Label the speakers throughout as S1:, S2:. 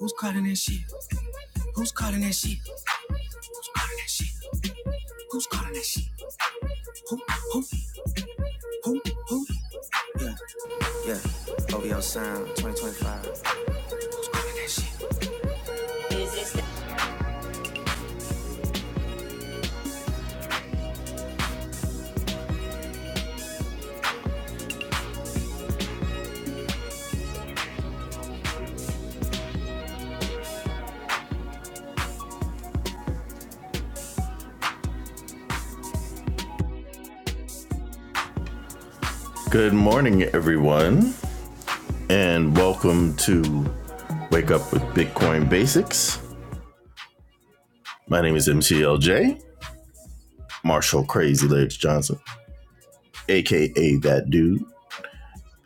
S1: Who's calling that shit? Who's calling that shit? Who's calling that shit? Who's calling that shit? Who, who, who, who? Yeah, yeah. OVO Sound 2025. Who's calling that shit? Good morning, everyone, and welcome to Wake Up with Bitcoin Basics. My name is MCLJ, Marshall Crazy Legs Johnson, aka That Dude.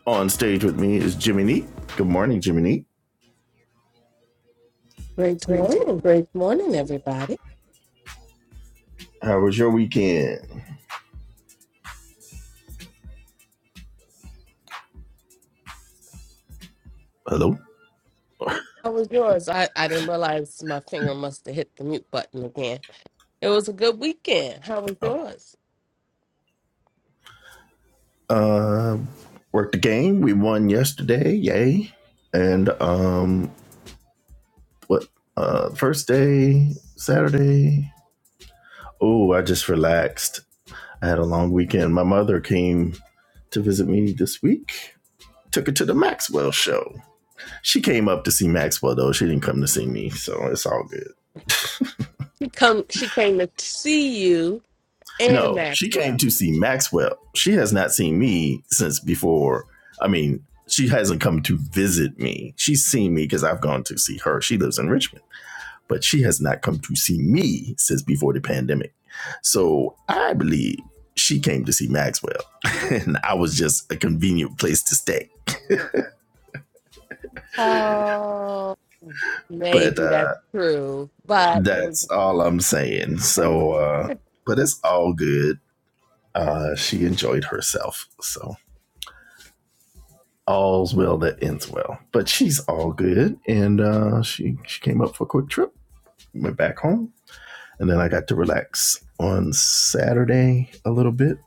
S1: On stage with me is Jimmy Neat. Good morning, Jimmy Neat.
S2: Great morning, great morning, everybody.
S1: How was your weekend? Hello.
S2: How was yours? I, I didn't realize my finger must have hit the mute button again. It was a good weekend. How was yours?
S1: Uh, worked the game. We won yesterday, yay! And um, what? Uh, first day, Saturday. Oh, I just relaxed. I had a long weekend. My mother came to visit me this week. Took her to the Maxwell show. She came up to see Maxwell though. She didn't come to see me, so it's all good.
S2: She come she came to see you and
S1: No, she
S2: Maxwell.
S1: came to see Maxwell. She has not seen me since before. I mean, she hasn't come to visit me. She's seen me because I've gone to see her. She lives in Richmond. but she has not come to see me since before the pandemic. So I believe she came to see Maxwell, and I was just a convenient place to stay.
S2: Oh
S1: But
S2: maybe that's
S1: uh,
S2: true. But it was
S1: that's all I'm saying. So, uh, but it's all good. Uh, she enjoyed herself. So all's well that ends well. But she's all good, and uh, she she came up for a quick trip, went back home, and then I got to relax on Saturday a little bit,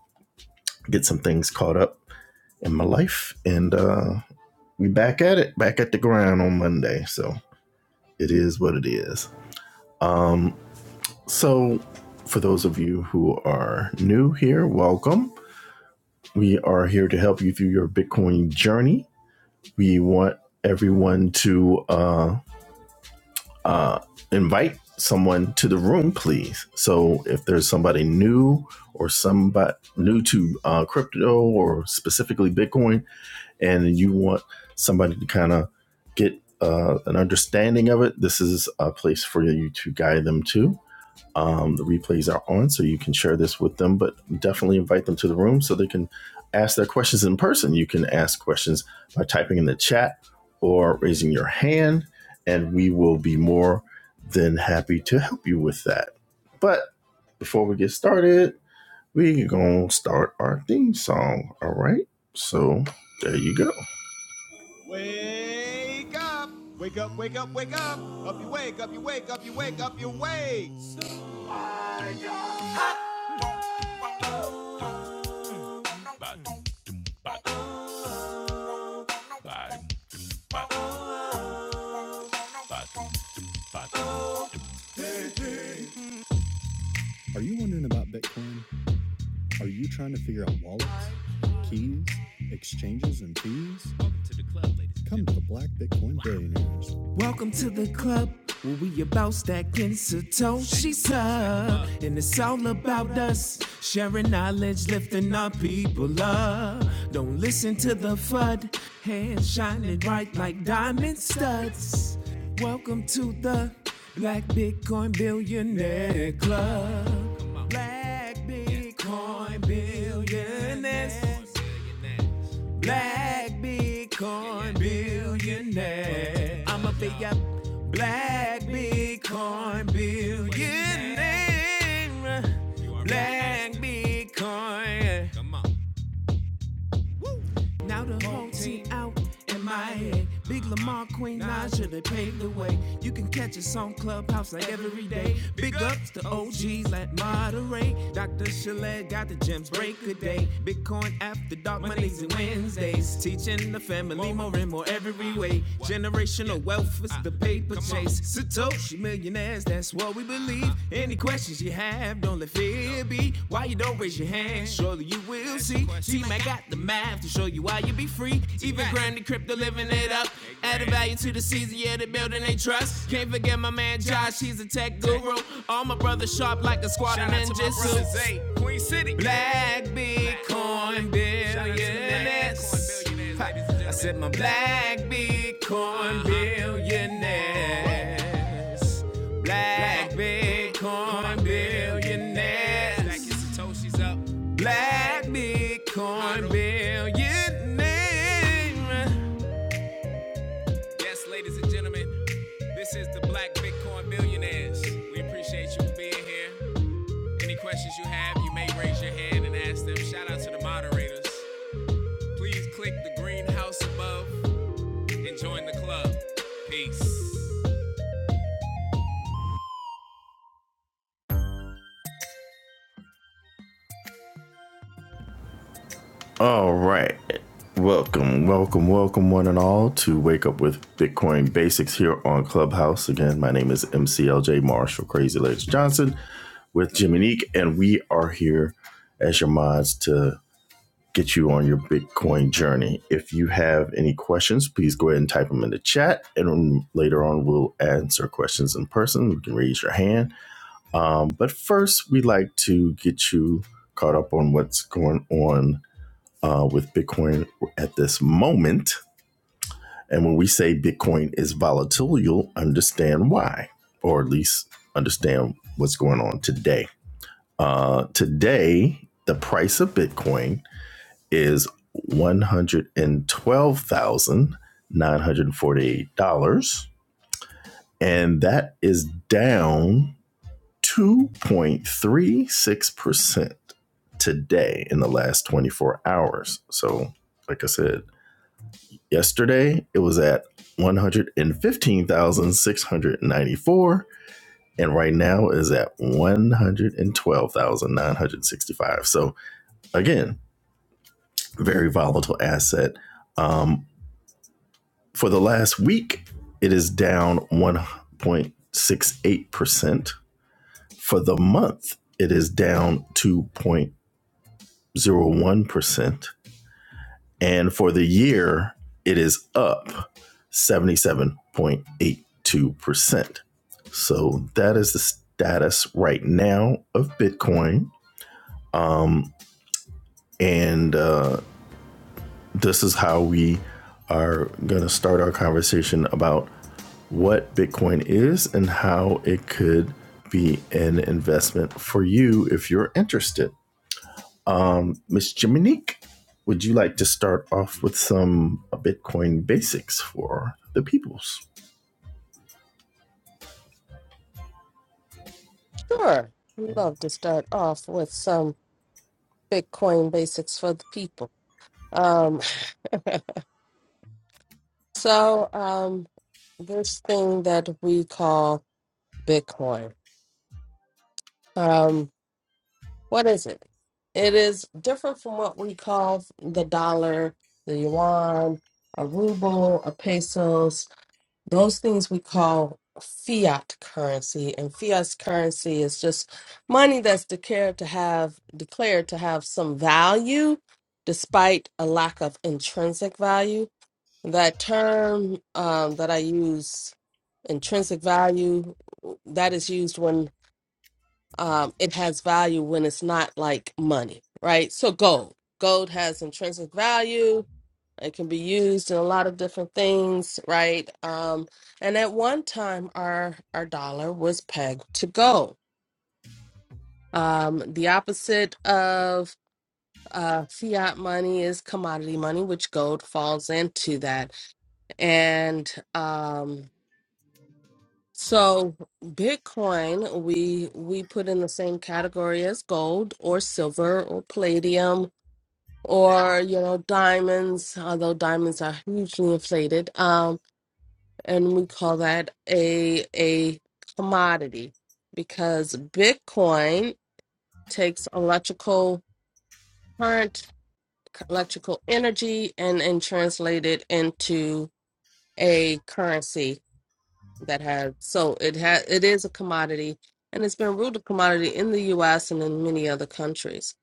S1: get some things caught up in my life. And uh, we back at it, back at the ground on Monday. So it is what it is. Um, so for those of you who are new here, welcome. We are here to help you through your Bitcoin journey. We want everyone to uh, uh, invite someone to the room, please. So if there's somebody new or somebody new to uh, crypto or specifically Bitcoin, and you want somebody to kind of get uh, an understanding of it, this is a place for you to guide them to. Um, the replays are on, so you can share this with them, but definitely invite them to the room so they can ask their questions in person. You can ask questions by typing in the chat or raising your hand, and we will be more than happy to help you with that. But before we get started, we gonna start our theme song. All right, so there you go. Wake up! Wake up, wake up, wake up! Up you wake, up you wake, up you wake, up you wake! Welcome to the club where we about stacking Satoshi's up. And it's all about us sharing knowledge, lifting our people up. Don't listen to the FUD, hands shining bright like diamond studs. Welcome to the Black Bitcoin Billionaire Club. Black Bitcoin Billionaires. Black Bitcoin billionaire. I'm a big up black Bitcoin billionaire. Black Bitcoin. Come on. Now the whole team out in Miami. Big Lamar, Queen Naja, they paved the way. You can catch us on Clubhouse like every day. Big ups to OGs like Monterey. Dr. Chalet got the gems break a day. Bitcoin after dark Mondays and Wednesdays. Teaching the family more and more every way. Generational wealth is the paper chase keys. Satoshi millionaires, that's what we believe. Any questions you have, don't let fear be. Why you don't raise your hand? Surely you will see. Team, I got the math to show you why you be free. Even grinding crypto, living it up. Added value to the season, yeah, the building they trust. Can't forget my man Josh, he's a tech guru. All my brothers sharp like a squad of ninjas. Queen City. Black Bitcoin billionaires. I said my black Bitcoin billionaires. Black Bitcoin billionaires. Black Satoshis up, black Bitcoin billionaires. Yes, ladies and gentlemen, this is the Black Bitcoin Billionaires. We appreciate you being here. Any questions you have, you may raise your hand and ask them. Shout out to the moderators. Please click the green house above. and join the club. Peace. All right. Welcome, welcome, welcome, one and all, to Wake Up with Bitcoin Basics here on Clubhouse. Again, my name is MCLJ Marshall Crazy Legs Johnson with Jimmy Neek, and we are here as your mods to get you on your Bitcoin journey. If you have any questions, please go ahead and type them in the chat, and later on, we'll answer questions in person. You can raise your hand Um, but first, we like to get you caught up on what's going on uh, with Bitcoin at this moment. And when we say Bitcoin is volatile, you'll understand why, or at least understand what's going on today. Uh, today, the price of Bitcoin is $112,948, and that is down 2.36% today in the last 24 hours. So, like I said, yesterday it was at 115,694 and right now is at 112,965. So, again, very volatile asset. Um, for the last week, it is down 1.68%. For the month, it is down 2.0. 0.01%. And for the year, it is up 77.82%. So that is the status right now of Bitcoin. Um, and uh, this is how we are going to start our conversation about what Bitcoin is and how it could be an investment for you if you're interested. Um, Miss Jiminique, would you like to start off with some uh, Bitcoin basics for the peoples?
S2: sure. We love to start off with some Bitcoin basics for the people. Um so um this thing that we call Bitcoin. um what is it it is different from what we call the dollar the yuan a ruble a pesos those things we call fiat currency and fiat currency is just money that's declared to have declared to have some value despite a lack of intrinsic value that term um, that i use intrinsic value that is used when um, it has value when it's not like money, right? So gold, gold has intrinsic value. It can be used in a lot of different things, right? Um, and at one time, our our dollar was pegged to gold. Um, the opposite of uh, fiat money is commodity money, which gold falls into that. And um, So Bitcoin, we we put in the same category as gold or silver or palladium or you know diamonds, although diamonds are hugely inflated. Um, and we call that a a commodity because Bitcoin takes electrical current, electrical energy, and and translate it into a currency that have so it has it is a commodity and it's been ruled a commodity in the US and in many other countries.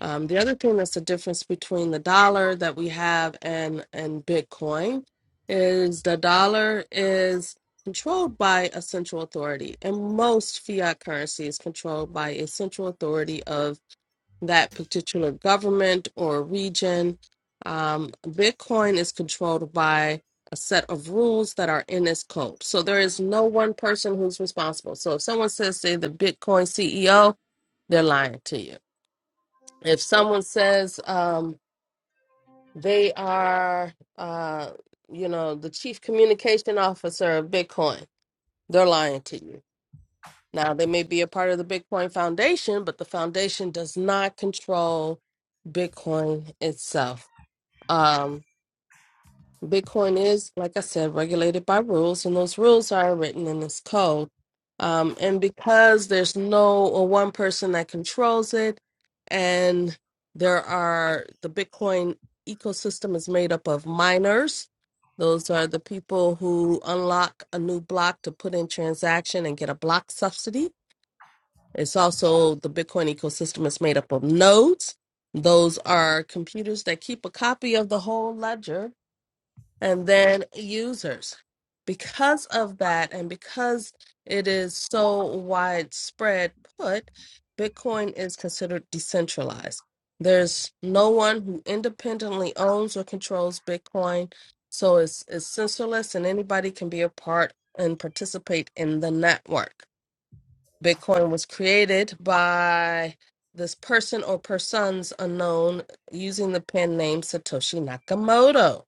S2: Um, the other thing that's the difference between the dollar that we have and and Bitcoin is the dollar is controlled by a central authority and most fiat currency is controlled by a central authority of that particular government or region. Um, Bitcoin is controlled by a set of rules that are in this code. So there is no one person who's responsible. So if someone says, say, the Bitcoin CEO, they're lying to you. If someone says um, they are, uh, you know, the chief communication officer of Bitcoin, they're lying to you Now, they may be a part of the Bitcoin Foundation, but the foundation does not control Bitcoin itself. Um, Bitcoin is, like I said, regulated by rules, and those rules are written in this code. Um, and because there's no or one person that controls it, and there are the Bitcoin ecosystem is made up of miners. Those are the people who unlock a new block to put in transaction and get a block subsidy it's also the Bitcoin ecosystem is made up of nodes. Those are computers that keep a copy of the whole ledger and then users. Because of that, and because it is so widespread put, Bitcoin is considered decentralized. There's no one who independently owns or controls Bitcoin, so it's, it's censorless and anybody can be a part and participate in the network. Bitcoin was created by this person or persons unknown using the pen name Satoshi Nakamoto.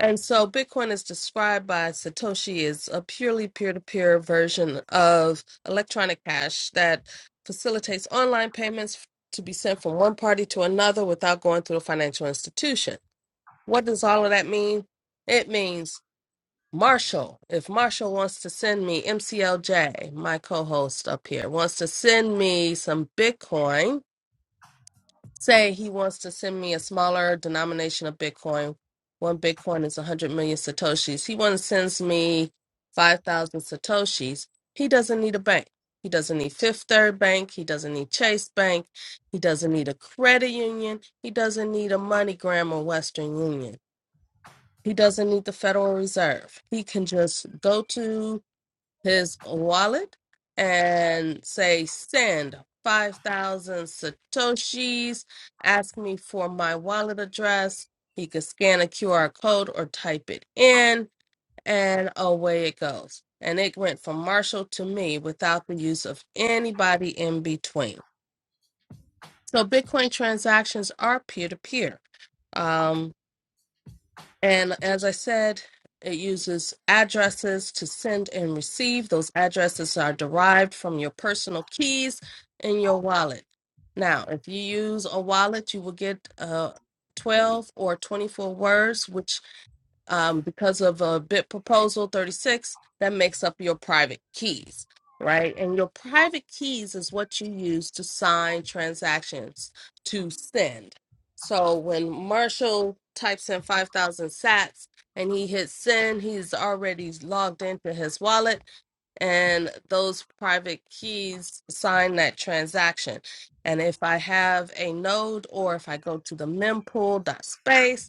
S2: And so Bitcoin is described by Satoshi as a purely peer to peer version of electronic cash that facilitates online payments to be sent from one party to another without going through a financial institution. What does all of that mean? It means Marshall, if Marshall wants to send me MCLJ, my co-host up here, wants to send me some Bitcoin, say he wants to send me a smaller denomination of Bitcoin. One Bitcoin is 100 million Satoshis. He wants to sends me 5,000 Satoshis. He doesn't need a bank. He doesn't need Fifth Third Bank. He doesn't need Chase Bank. He doesn't need a credit union. He doesn't need a MoneyGram or Western Union. He doesn't need the Federal Reserve. He can just go to his wallet and say, send 5,000 Satoshis. Ask me for my wallet address. He could scan a QR code or type it in, and away it goes. And it went from Marshall to me without the use of anybody in between. So Bitcoin transactions are peer to peer. And as I said, it uses addresses to send and receive. Those addresses are derived from your personal keys in your wallet. Now, if you use a wallet, you will get uh, 12 or 24 words, which um, because of a bit proposal 36 that makes up your private keys right and your private keys is what you use to sign transactions to send so when marshall types in 5000 sats and he hits send he's already logged into his wallet and those private keys sign that transaction and if i have a node or if i go to the mempool.space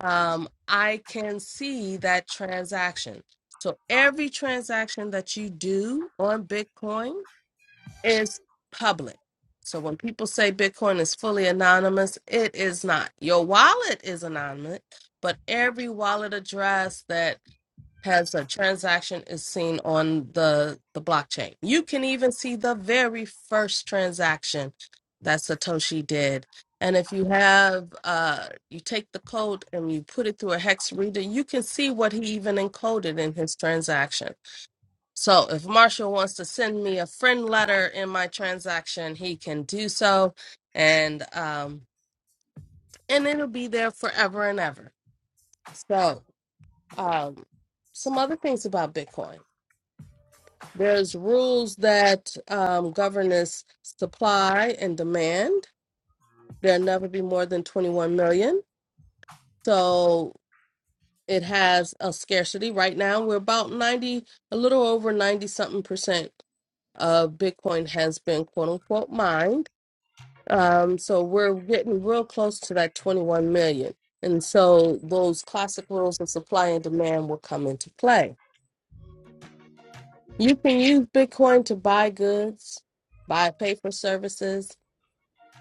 S2: um, I can see that transaction. So every transaction that you do on Bitcoin is public. So when people say Bitcoin is fully anonymous, it is not. Your wallet is anonymous, but every wallet address that has a transaction is seen on the the blockchain. You can even see the very first transaction that Satoshi did. And if you have uh you take the code and you put it through a hex reader, you can see what he even encoded in his transaction. So if Marshall wants to send me a friend letter in my transaction, he can do so and um and it'll be there forever and ever. So um some other things about Bitcoin. There's rules that um, govern this supply and demand. There'll never be more than 21 million. So it has a scarcity. Right now, we're about 90, a little over 90 something percent of Bitcoin has been quote unquote mined. Um, so we're getting real close to that 21 million. And so those classic rules of supply and demand will come into play. You can use Bitcoin to buy goods, buy, pay for services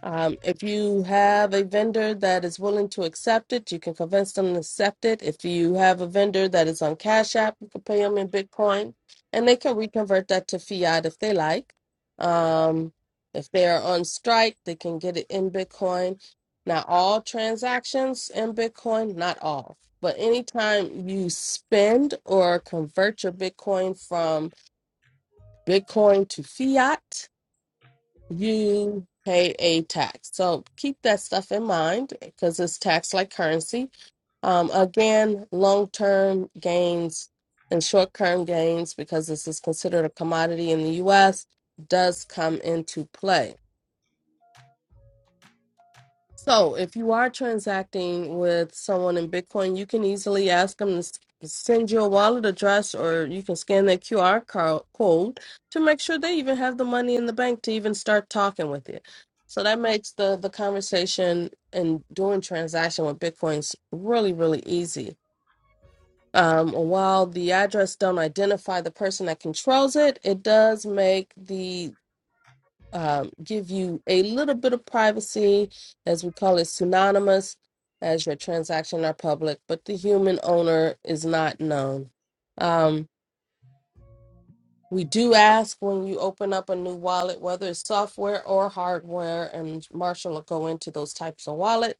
S2: Um, if you have a vendor that is willing to accept it, you can convince them to accept it. If you have a vendor that is on Cash App, you can pay them in Bitcoin, and they can reconvert that to fiat if they like. Um, if they are on Strike, they can get it in Bitcoin. Not all transactions in Bitcoin, not all, but anytime you spend or convert your Bitcoin from Bitcoin to fiat, you pay a tax. So keep that stuff in mind because it's taxed like currency. Um, again, long term gains and short term gains, because this is considered a commodity in the US, does come into play. So, if you are transacting with someone in Bitcoin, you can easily ask them to s- send you a wallet address or you can scan their QR co- code to make sure they even have the money in the bank to even start talking with you. So, that makes the, the conversation and doing transaction with Bitcoins really, really easy. Um, while the address don't identify the person that controls it, it does make the um, give you a little bit of privacy, as we call it, synonymous, as your transaction are public, but the human owner is not known. Um, we do ask when you open up a new wallet, whether it's software or hardware, and Marshall will go into those types of wallets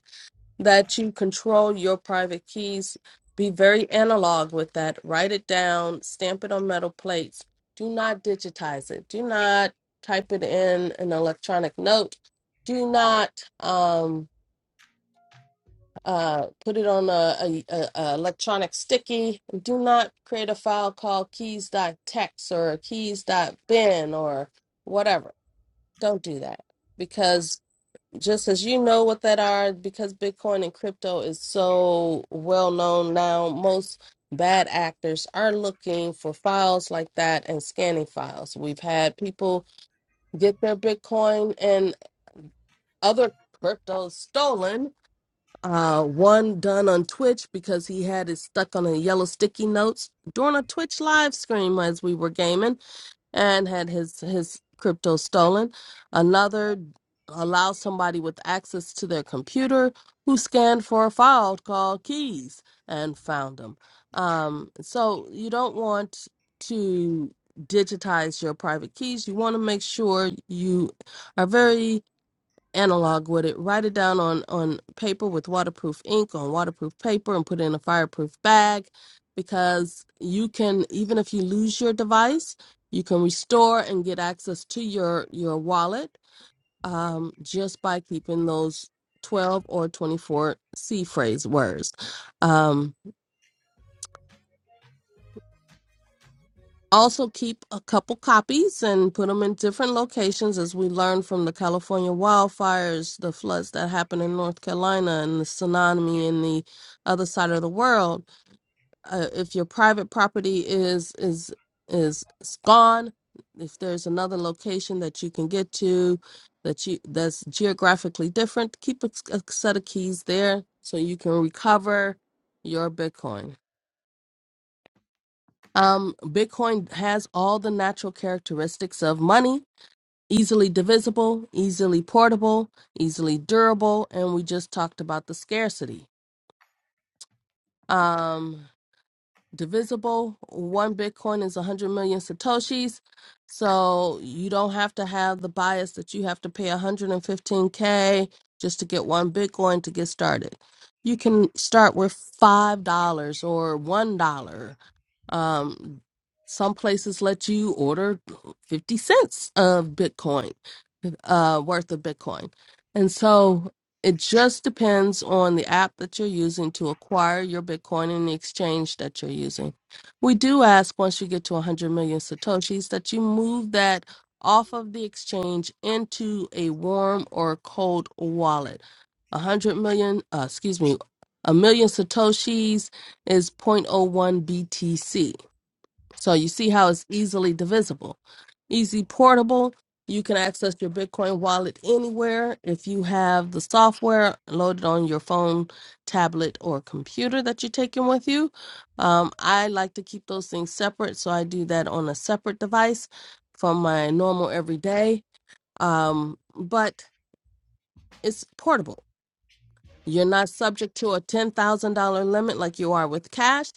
S2: that you control your private keys. Be very analog with that. Write it down, stamp it on metal plates. Do not digitize it. Do not type it in an electronic note. Do not um, uh, put it on a, a, a, a electronic sticky. Do not create a file called keys.txt or keys.bin or whatever. Don't do that because just as you know what that are because bitcoin and crypto is so well known now most bad actors are looking for files like that and scanning files we've had people get their bitcoin and other cryptos stolen uh one done on twitch because he had it stuck on a yellow sticky notes during a twitch live stream as we were gaming and had his his crypto stolen. Another allowed somebody with access to their computer who scanned for a file called keys and found them. Um, so you don't want to digitize your private keys. You want to make sure you are very analog with it. Write it down on on paper with waterproof ink on waterproof paper and put it in a fireproof bag because you can even if you lose your device, you can restore and get access to your your wallet um, just by keeping those 12 or 24 C phrase words. Um, Also, keep a couple copies and put them in different locations as we learn from the California wildfires, the floods that happened in North Carolina, and the tsunami in the other side of the world. Uh, if your private property is is is is gone, if there's another location that you can get to that you that's geographically different, keep a, a set of keys there so you can recover your Bitcoin. Um, Bitcoin has all the natural characteristics of money easily divisible, easily portable, easily durable, and we just talked about the scarcity. Um, divisible, one Bitcoin is 100 million Satoshis, so you don't have to have the bias that you have to pay 115K just to get one Bitcoin to get started. You can start with $5 or $1 um, some places let you order 50 cents of Bitcoin, uh, worth of Bitcoin. And so it just depends on the app that you're using to acquire your Bitcoin and the exchange that you're using. We do ask once you get to 100 million Satoshis that you move that off of the exchange into a warm or cold wallet. 100 million, uh, excuse me, a million Satoshis is zero point zero 0.01 BTC. So you see how it's easily divisible. Easy portable. You can access your Bitcoin wallet anywhere if you have the software loaded on your phone, tablet, or computer that you're taking with you. Um, I like to keep those things separate, so I do that on a separate device from my normal everyday. Um, but it's portable. You're not subject to a $10,000 limit like you are with cash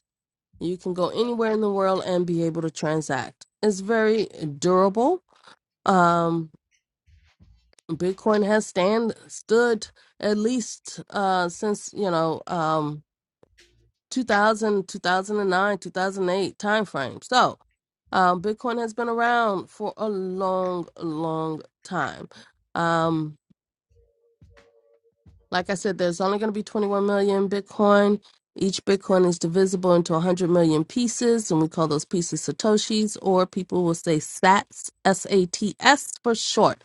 S2: you can go anywhere in the world and be able to transact. It's very durable. Um, Bitcoin has stand stood at least uh, since you know um, 2000, 2009, 2008 time frame. So um, Bitcoin has been around for a long, long time. Um, Like I said, there's only going to be 21 million Bitcoin. Each Bitcoin is divisible into 100 million pieces, and we call those pieces Satoshis, or people will say SATs, S A T S for short.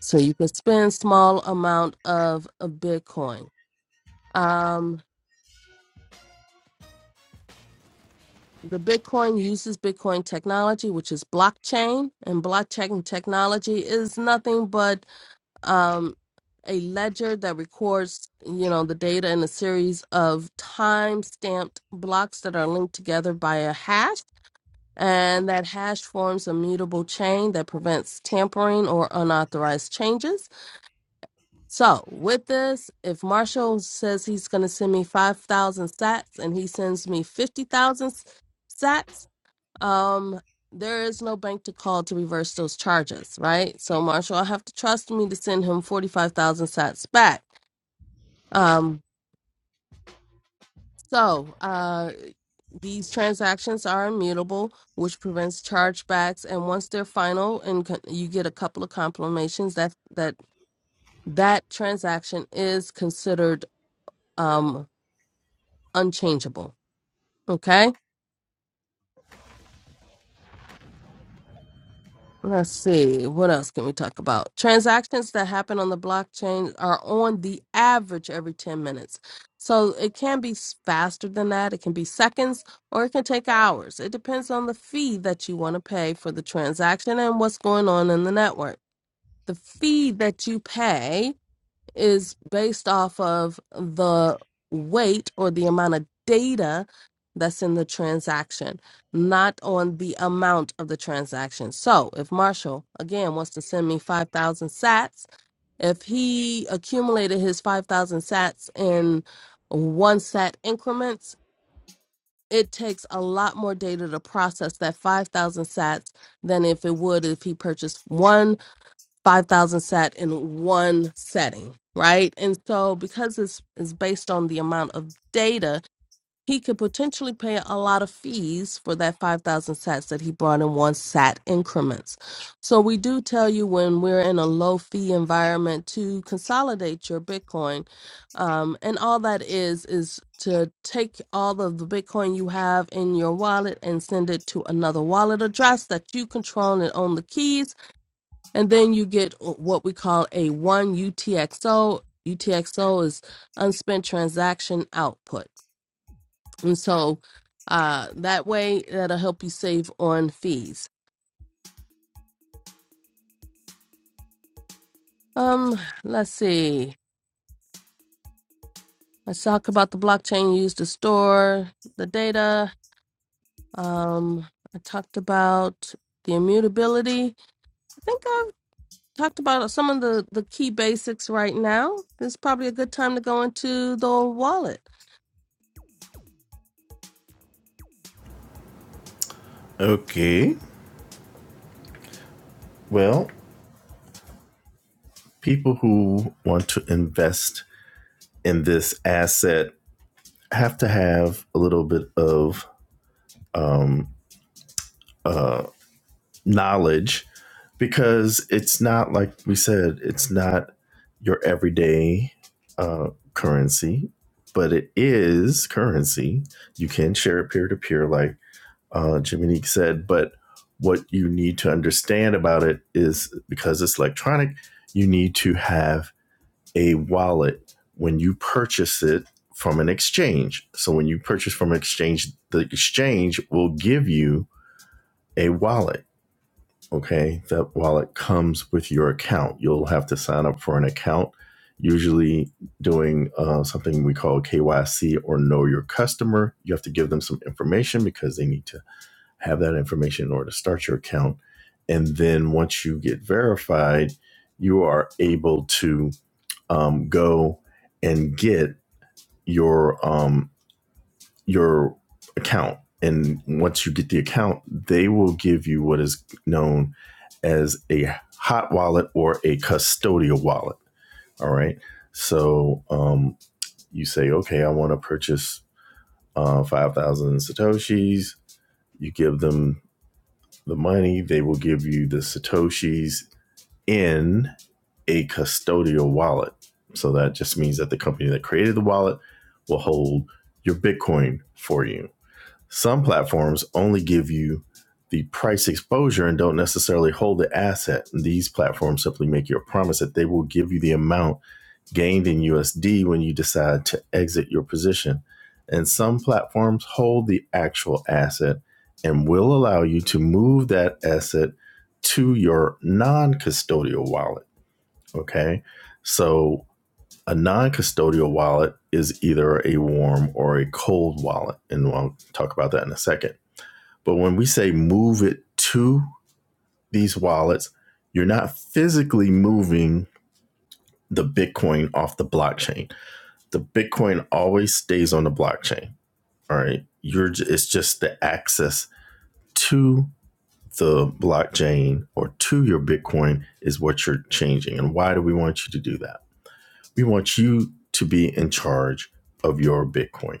S2: So you can spend small amount of a Bitcoin. Um, the Bitcoin uses Bitcoin technology, which is blockchain, and blockchain technology is nothing but um, a ledger that records, you know, the data in a series of time-stamped blocks that are linked together by a hash, and that hash forms a mutable chain that prevents tampering or unauthorized changes. So, with this, if Marshall says he's going to send me 5,000 sats and he sends me 50,000 sats, um there is no bank to call to reverse those charges right so marshall i have to trust me to send him 45000 sats back um so uh these transactions are immutable which prevents chargebacks and once they're final and con- you get a couple of confirmations that that that transaction is considered um unchangeable okay Let's see. What else can we talk about? Transactions that happen on the blockchain are on the average every 10 minutes. So it can be s- faster than that. It can be seconds or it can take hours. It depends on the fee that you want to pay for the transaction and what's going on in the network. The fee that you pay is based off of the weight or the amount of data that's in the transaction, not on the amount of the transaction. So if Marshall, again, wants to send me 5,000 sats, if he accumulated his 5,000 sats in one sat increments, it takes a lot more data to process that 5,000 sats than if it would if he purchased 5,000 sat in one setting, right? And so because it's is based on the amount of data, he could potentially pay a lot of fees for that 5,000 sats that he brought in one sat increments. So we do tell you when we're in a low fee environment to consolidate your Bitcoin. Um, and all that is, is to take all of the Bitcoin you have in your wallet and send it to another wallet address that you control and own the keys and then you get uh, what we call a 1 UTXO. UTXO is unspent transaction output. And so uh, that way, that'll help you save on fees. Um, let's see. Let's talk about the blockchain used to store the data. Um, I talked about the immutability. I think I've talked about some of the, the key basics right now. It's probably a good time to go into the wallet.
S1: Okay. Well, people who want to invest in this asset have to have a little bit of um, knowledge because it's not like we said, it's not your everyday uh, currency, but it is currency. You can share it peer to peer, like uh, Jiminique said, but what you need to understand about it is because it's electronic, you need to have a wallet when you purchase it from an exchange. So when you purchase from an exchange, the exchange will give you a wallet. Okay. That wallet comes with your account. You'll have to sign up for an account, usually doing uh, something we call KYC or know your customer. You have to give them some information because they need to have that information in order to start your account. And then once you get verified, you are able to um, go and get your um, your account. And once you get the account, they will give you what is known as a hot wallet or a custodial wallet. All right. So um, you say, okay, I want to purchase uh, 5,000 Satoshis. You give them the money, they will give you the Satoshis in a custodial wallet. So that just means that the company that created the wallet will hold your Bitcoin for you. Some platforms only give you the price exposure and don't necessarily hold the asset. These platforms simply make you a promise that they will give you the amount gained in USD when you decide to exit your position. And some platforms hold the actual asset and will allow you to move that asset to your non custodial wallet. Okay. So a non custodial wallet is either a warm or a cold wallet. And we'll talk about that in a second. But when we say move it to these wallets, you're not physically moving the Bitcoin off the blockchain the Bitcoin always stays on the blockchain. All right, you're it's just the access to the blockchain or to your Bitcoin is what you're changing. And why do we want you to do that? We want you to be in charge of your Bitcoin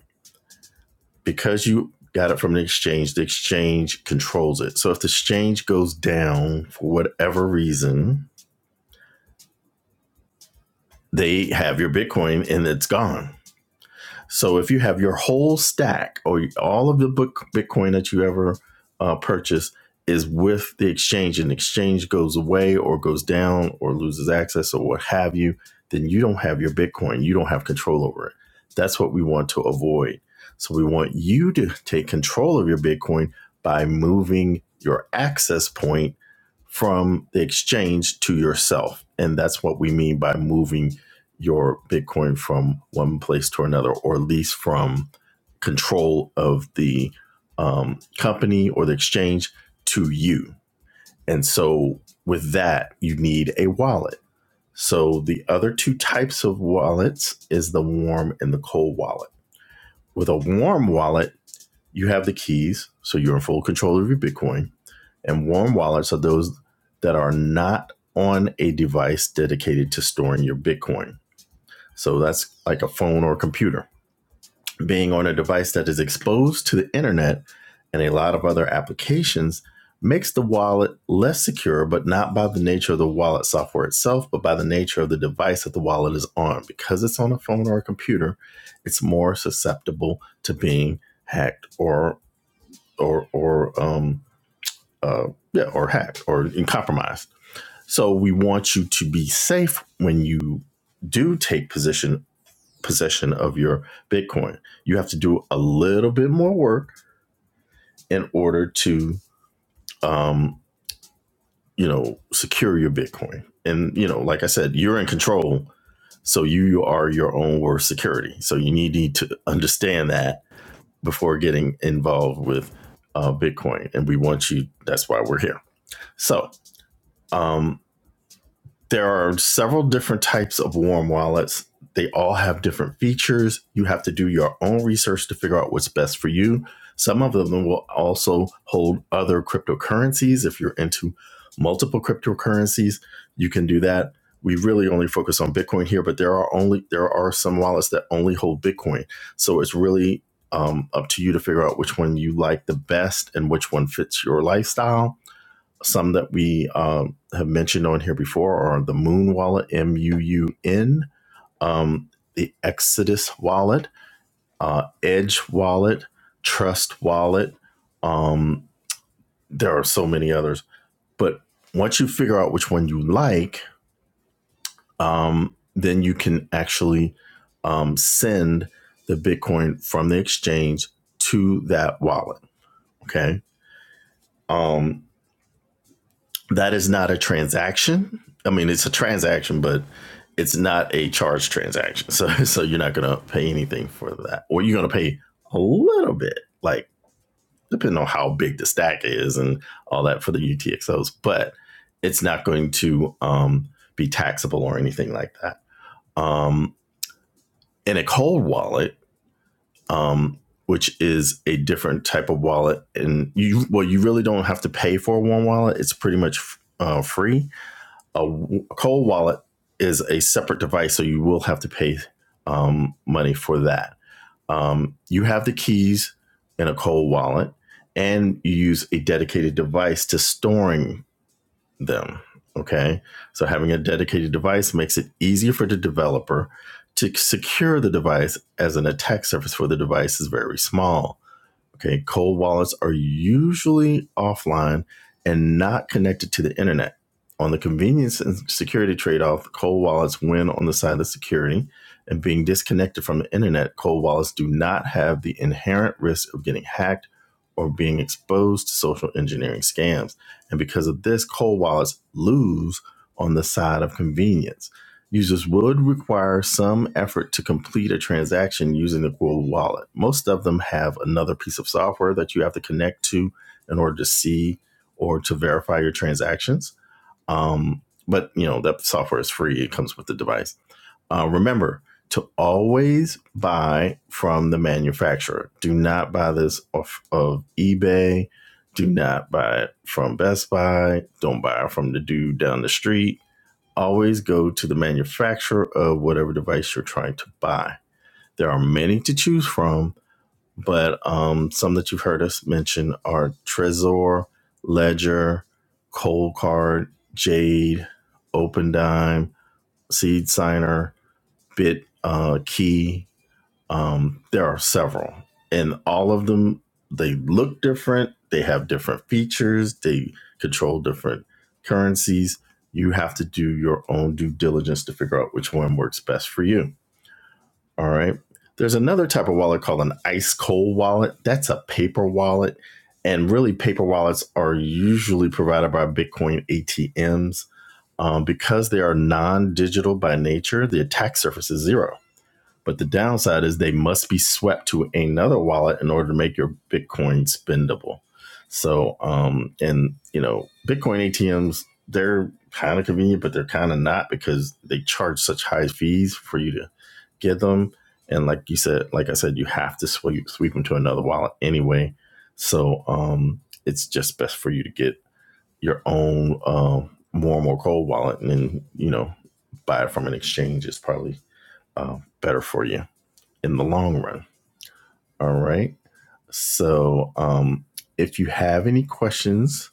S1: because you got it from the exchange. The exchange controls it. So if the exchange goes down for whatever reason, they have your Bitcoin and it's gone So if you have your whole stack or all of the book Bitcoin that you ever uh, purchase is with the exchange, and the exchange goes away or goes down or loses access or what have you, then you don't have your Bitcoin. You don't have control over it. That's what we want to avoid. So we want you to take control of your Bitcoin by moving your access point from the exchange to yourself. And that's what we mean by moving your Bitcoin from one place to another, or at least from control of the um, company or the exchange to you. And so, with that, you need a wallet. So, the other two types of wallets is the warm and the cold wallet. With a warm wallet, you have the keys, so you're in full control of your Bitcoin. And warm wallets are those that are not on a device dedicated to storing your Bitcoin. So that's like a phone or a computer being on a device that is exposed to the internet and a lot of other applications makes the wallet less secure, but not by the nature of the wallet software itself, but by the nature of the device that the wallet is on. Because it's on a phone or a computer, it's more susceptible to being hacked or or or um uh yeah or hacked or compromised. So we want you to be safe when you do take position possession of your Bitcoin. You have to do a little bit more work in order to, um, you know, secure your Bitcoin. And you know, like I said, you're in control, so you are your own worst security. So you need need to understand that before getting involved with uh, Bitcoin. And we want you. That's why we're here. So. Um, there are several different types of warm wallets. They all have different features. You have to do your own research to figure out what's best for you. Some of them will also hold other cryptocurrencies. If you're into multiple cryptocurrencies, you can do that. We really only focus on Bitcoin here, but there are only there are some wallets that only hold Bitcoin. So it's really um, up to you to figure out which one you like the best and which one fits your lifestyle some that we um, have mentioned on here before are the Moon Wallet, M U U N, um, the Exodus Wallet, uh, Edge Wallet, Trust Wallet. Um, there are so many others. But once you figure out which one you like, um, then you can actually um, send the Bitcoin from the exchange to that wallet. Okay. Um, that is not a transaction. I mean, it's a transaction, but it's not a charge transaction. So, so you're not going to pay anything for that, or you're going to pay a little bit, like depending on how big the stack is and all that for the UTXOs. But it's not going to um, be taxable or anything like that. Um, in a cold wallet, um, which is a different type of wallet, and you well, you really don't have to pay for one wallet. It's pretty much uh, free a a cold wallet is a separate device, so you will have to pay um, money for that. Um, you have the keys in a cold wallet, and you use a dedicated device to storing them. Okay, so having a dedicated device makes it easier for the developer to secure the device as an attack surface for the device is very small. Okay, cold wallets are usually offline and not connected to the internet. On the convenience and security trade off, cold wallets win on the side of security. And being disconnected from the internet, cold wallets do not have the inherent risk of getting hacked or being exposed to social engineering scams. And because of this, cold wallets lose on the side of convenience. Users would require some effort to complete a transaction using the Google Wallet. Most of them have another piece of software that you have to connect to in order to see or to verify your transactions. Um, but you know that software is free; it comes with the device. Uh, remember to always buy from the manufacturer. Do not buy this off of eBay. Do not buy it from Best Buy. Don't buy it from the dude down the street Always go to the manufacturer of whatever device you're trying to buy. There are many to choose from, but um, some that you've heard us mention are Trezor, Ledger, Coldcard, Jade, OpenDime, SeedSigner, Signer, Bit uh, Key, um, there are several, and all of them they look different. They have different features. They control different currencies. You have to do your own due diligence to figure out which one works best for you. All right. There's another type of wallet called an ice cold wallet. That's a paper wallet. And really, paper wallets are usually provided by Bitcoin ATMs. Um, because they are non digital by nature, the attack surface is zero but the downside is they must be swept to another wallet in order to make your Bitcoin spendable. So, um, and you know, Bitcoin ATMs, they're kind of convenient, but they're kind of not because they charge such high fees for you to get them. And like you said, like I said, you have to sweep, sweep them to another wallet anyway. So, um, it's just best for you to get your own, um, more and more cold wallet and then, you know, buy it from an exchange is probably, uh, better for you in the long run. All right. So, um, if you have any questions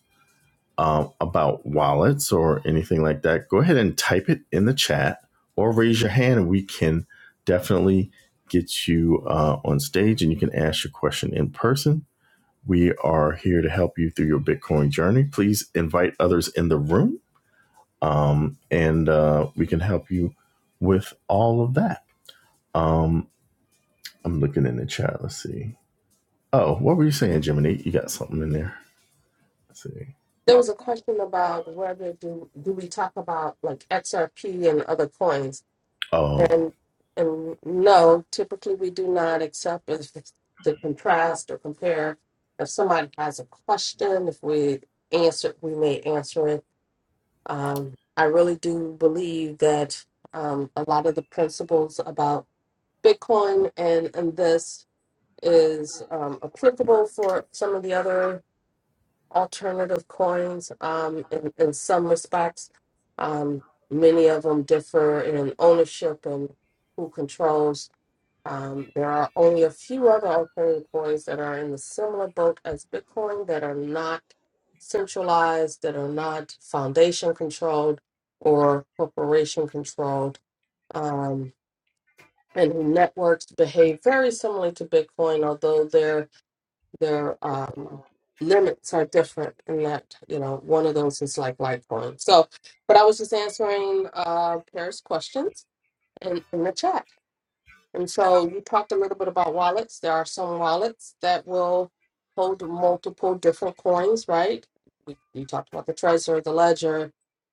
S1: um, about wallets or anything like that, go ahead and type it in the chat or raise your hand, and we can definitely get you uh, on stage and you can ask your question in person. We are here to help you through your Bitcoin journey. Please invite others in the room, um, and uh, we can help you with all of that. Um, I'm looking in the chat. Let's see. Oh, what were you saying, Jiminy? You got something in there? Let's see.
S2: There was a question about whether do do we talk about like XRP and other coins,
S1: Oh,
S2: and and no, typically we do not accept if it's to contrast or compare. If somebody has a question, if we answer, we may answer it. Um, I really do believe that um, a lot of the principles about Bitcoin and and this is um, applicable for some of the other alternative coins um, in, in some respects. Um, many of them differ in ownership and who controls. Um, there are only a few other alternative coins that are in the similar boat as Bitcoin that are not centralized, that are not foundation controlled or corporation controlled. Um, and networks behave very similarly to Bitcoin, although they're their um, limits are different and that you know one of those is like litecoin so but i was just answering uh paris questions in, in the chat and so you talked a little bit about wallets there are some wallets that will hold multiple different coins right we, you talked about the Trezor, the ledger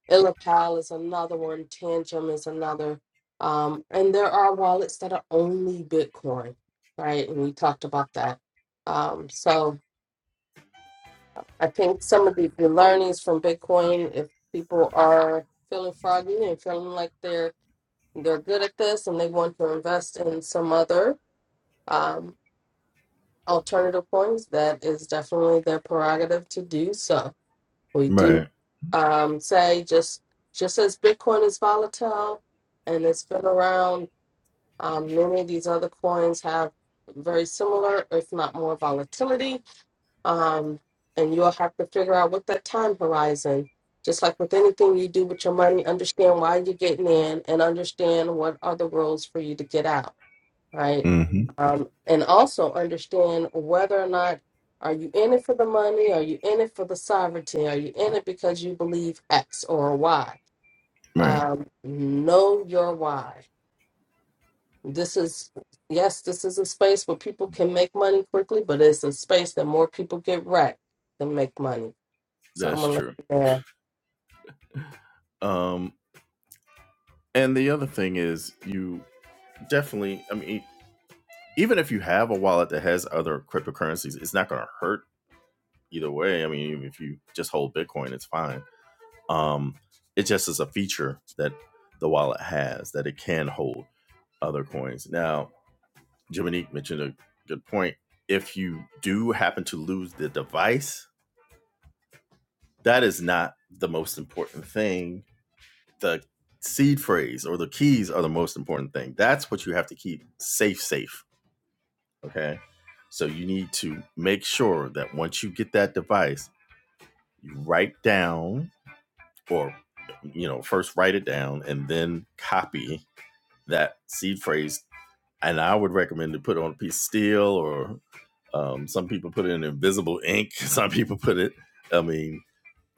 S2: illipal is another one tangem is another um, and there are wallets that are only bitcoin right and we talked about that um, so I think some of the, the learnings from Bitcoin, if people are feeling froggy and feeling like they're they're good at this and they want to invest in some other um, alternative coins, that is definitely their prerogative to do so. We do
S1: right.
S2: um, say just just as Bitcoin is volatile and it's been around, um, many of these other coins have very similar, if not more, volatility um, and you'll have to figure out what that time horizon. Just like with anything you do with your money, understand why you're getting in and understand what are the rules for you to get out, right?
S1: hmm
S2: Um, and also understand whether or not are you in it for the money, are you in it for the sovereignty, are you in it because you believe X or Y?
S1: Right.
S2: Um, know your why. This is yes, this is a space where people can make money quickly, but it's a space that more people get wrecked than make money. So I'm
S1: That's true. Um, and the other thing is, you definitely. I mean, even if you have a wallet that has other cryptocurrencies, it's not going to hurt either way. I mean, even if you just hold Bitcoin, it's fine. Um, it just is a feature that the wallet has that it can hold other coins. Now, Jiminy mentioned a good point. If you do happen to lose the device, That is not the most important thing. The seed phrase or the keys are the most important thing. That's what you have to keep safe, safe. Okay. So you need to make sure that once you get that device, you write down or, you know, first write it down and then copy that seed phrase. And I would recommend to put it on a piece of steel or um, some people put it in invisible ink. Some people put it, I mean,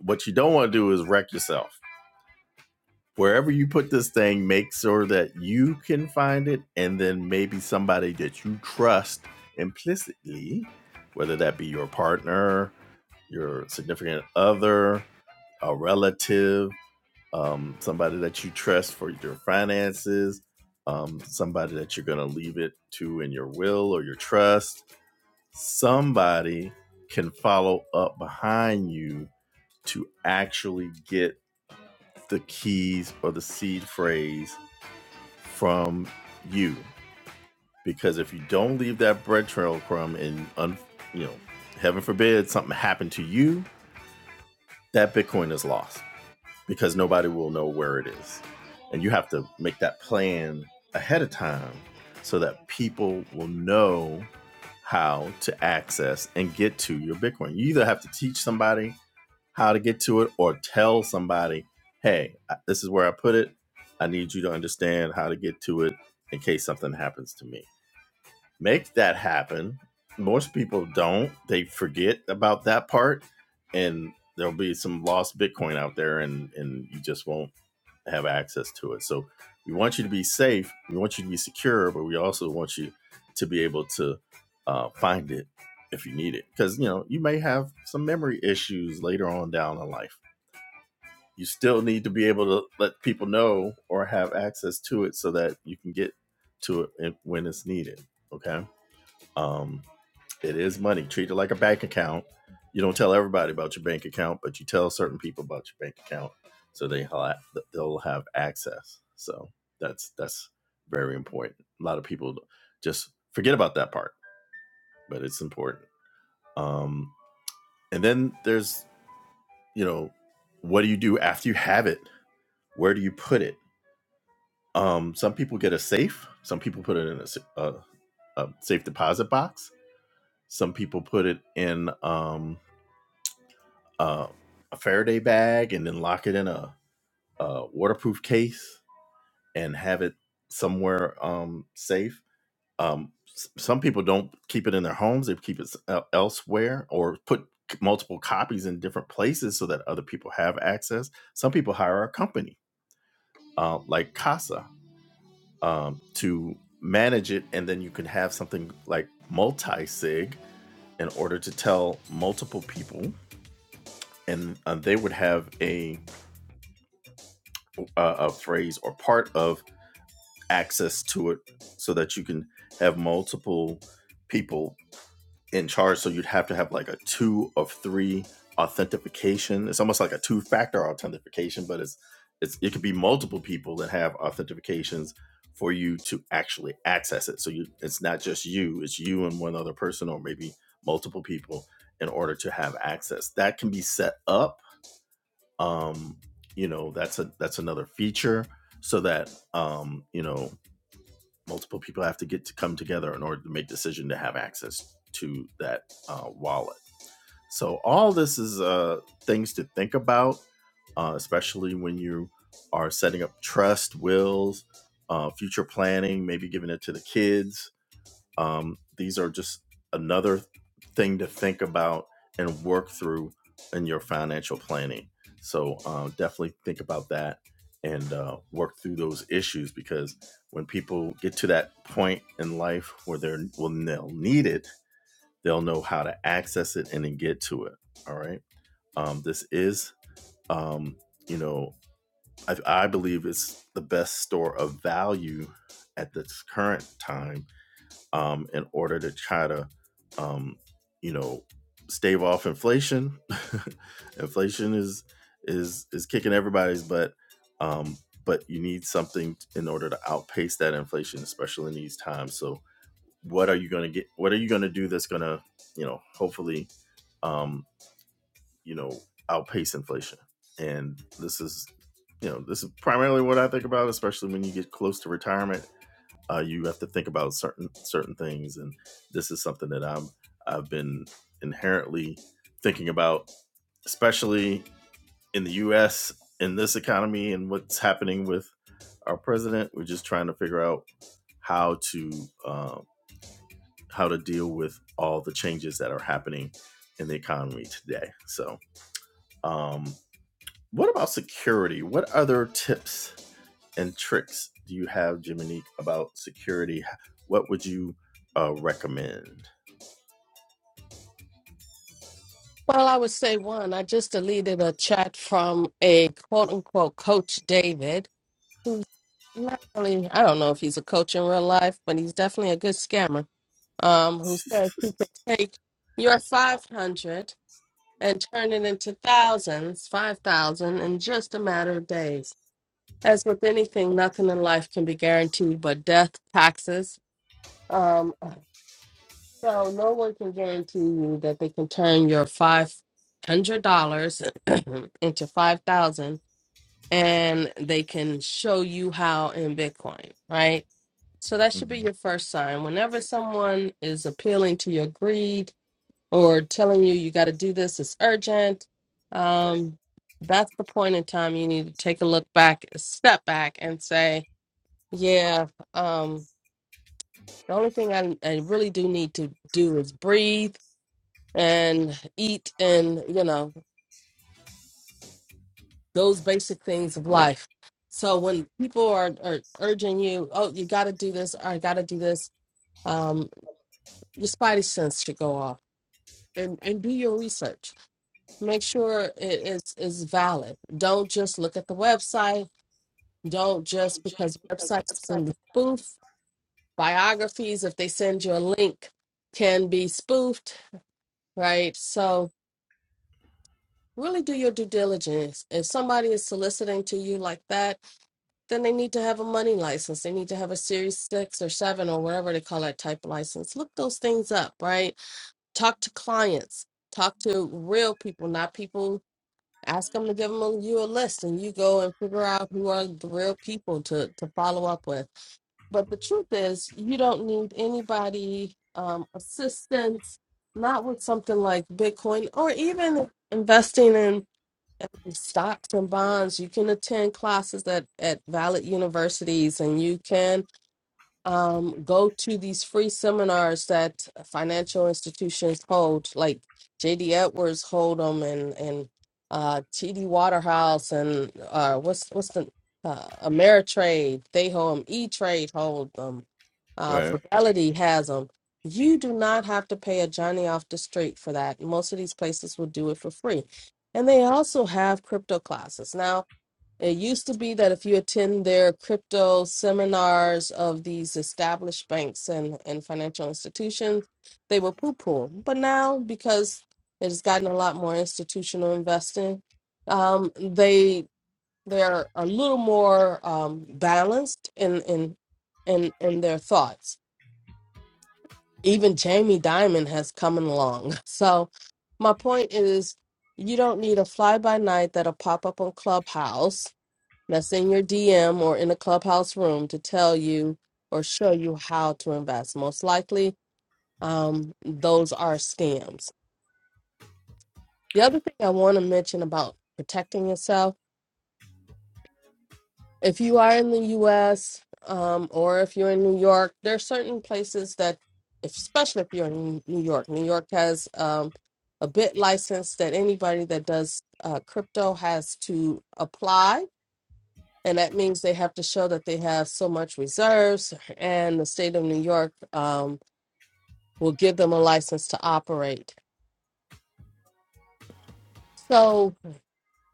S1: what you don't want to do is wreck yourself. wherever you put this thing, make sure that you can find it, and then maybe somebody that you trust implicitly, whether that be your partner, your significant other, a relative, um, somebody that you trust for your finances, um, somebody that you're going to leave it to in your will or your trust. Somebody can follow up behind you to actually get the keys or the seed phrase from you because if you don't leave that bread trail crumb and un, you know heaven forbid something happened to you that bitcoin is lost because nobody will know where it is. And you have to make that plan ahead of time so that people will know how to access and get to your Bitcoin. You either have to teach somebody how to get to it or tell somebody, hey, this is where I put it. I need you to understand how to get to it in case something happens to me make that happen. Most people don't. They forget about that part, and there'll be some lost Bitcoin out there, and and you just won't have access to it. So we want you to be safe. We want you to be secure, but we also want you to be able to uh, find it if you need it, because you know you may have some memory issues later on down in life. You still need to be able to let people know or have access to it so that you can get to it when it's needed. Okay um, it is money. Treat it like a bank account. You don't tell everybody about your bank account, but you tell certain people about your bank account so they ha- they'll have access. So that's that's very important. A lot of people just forget about that part, but it's important. Um, and then there's you know, what do you do after you have it? Where do you put it? Um, some people get a safe. Some people put it in a a a safe deposit box. Some people put it in. Um, um, a Faraday bag and then lock it in a, a waterproof case and have it somewhere um, safe. Um, s- some people don't keep it in their homes; they keep it s- el- elsewhere or put c- multiple copies in different places so that other people have access. Some people hire a company uh, like Casa um, to manage it, and then you can have something like multi sig in order to tell multiple people, and uh, they would have a uh, a phrase or part of access to it so that you can have multiple people in charge. So you'd have to have like a two of three authentication. It's almost like a two factor authentication, but it's, it's it could be multiple people that have authentications for you to actually access it. So you, it's not just you, it's you and one other person or maybe multiple people in order to have access. That can be set up um you know that's a that's another feature so that um you know multiple people have to get to come together in order to make decision to have access to that uh, wallet so all this is uh things to think about uh, especially when you are setting up trust wills uh, future planning maybe giving it to the kids um, these are just another thing to think about and work through in your financial planning. So uh, definitely think about that and uh, work through those issues because when people get to that point in life where they're when they'll need it, they'll know how to access it and then get to it. All right. Um, this is, um, you know, I, I believe it's the best store of value at this current time um, in order to try to, um, you know, stave off inflation. inflation is is is kicking everybody's butt, um, but you need something in order to outpace that inflation, especially in these times. So, what are you going to get? What are you going to do that's going to, you know, hopefully, um, you know, outpace inflation? And this is, you know, this is primarily what I think about, especially when you get close to retirement uh, you have to think about certain certain things and this is something that i'm i've been inherently thinking about especially in the us in this economy and what's happening with our president we're just trying to figure out how to uh, how to deal with all the changes that are happening in the economy today so um, what about security what other tips and tricks do you have, Jiminique, about security? What would you uh, recommend?
S2: Well, I would say one. I just deleted a chat from a quote unquote coach David, who's not really. I don't know if he's a coach in real life, but he's definitely a good scammer. Um, who said he could take your five hundred and turn it into thousands, five thousand, in just a matter of days. As with anything, nothing in life can be guaranteed but death, taxes. Um, So no one can guarantee you that they can turn your five hundred dollars into five thousand, and they can show you how in Bitcoin, right? So that should be
S1: Mhm.
S2: your first sign. Whenever someone is appealing to your greed or telling you you got to do this, it's urgent. Um, that's the point in time you need to take a look back, a step back, and say, "Yeah, um, the only thing I, I really do need to do is breathe." and eat and you know those basic things of life so when people are, are urging you oh you got to do this or i got to do this um your spidey sense should go off and and do your research make sure it is is valid don't just look at the website don't just because websites can be spoofed biographies if they send you a link can be spoofed right so really do your due diligence if somebody is soliciting to you like that then they need to have a money license. They need to have a series six or seven or whatever they call that type of license. Look those things up, right? Talk to clients, talk to real people, not people. Ask them to give them a, you a list, and you go and figure out who are the real people to to follow up with. But the truth is, you don't need anybody um, assistance, not with something like Bitcoin or even investing in and stocks and bonds. You can attend classes at, at valid universities and you can um, go to these free seminars that financial institutions hold, like J.D. Edwards hold them, and and uh, T.D. Waterhouse, and uh, what's what's the uh, Ameritrade? They hold them. E Trade hold them. Uh,
S1: Right.
S2: Fidelity has them. You do not have to pay a Johnny off the street for that. Most of these places will do it for free, and they also have crypto classes now it used to be that if you attend their crypto seminars of these established banks and, and financial institutions, they were poo poo. But now, because it has gotten a lot more institutional investing, um, they they're a little more um, balanced in, in in in their thoughts. Even Jamie Dimon has come along. So my point is, you don't need a fly by night that'll pop up on Clubhouse that's in your DM or in a clubhouse room to tell you or show you how to invest. Most likely, um, those are scams. The other thing I want to mention about protecting yourself if you are in the US um, or if you're in New York, there are certain places that, if, especially if you're in New York, New York has um, a bit license that anybody that does uh, crypto has to apply and that means they have to show that they have so much reserves and the state of new york um, will give them a license to operate so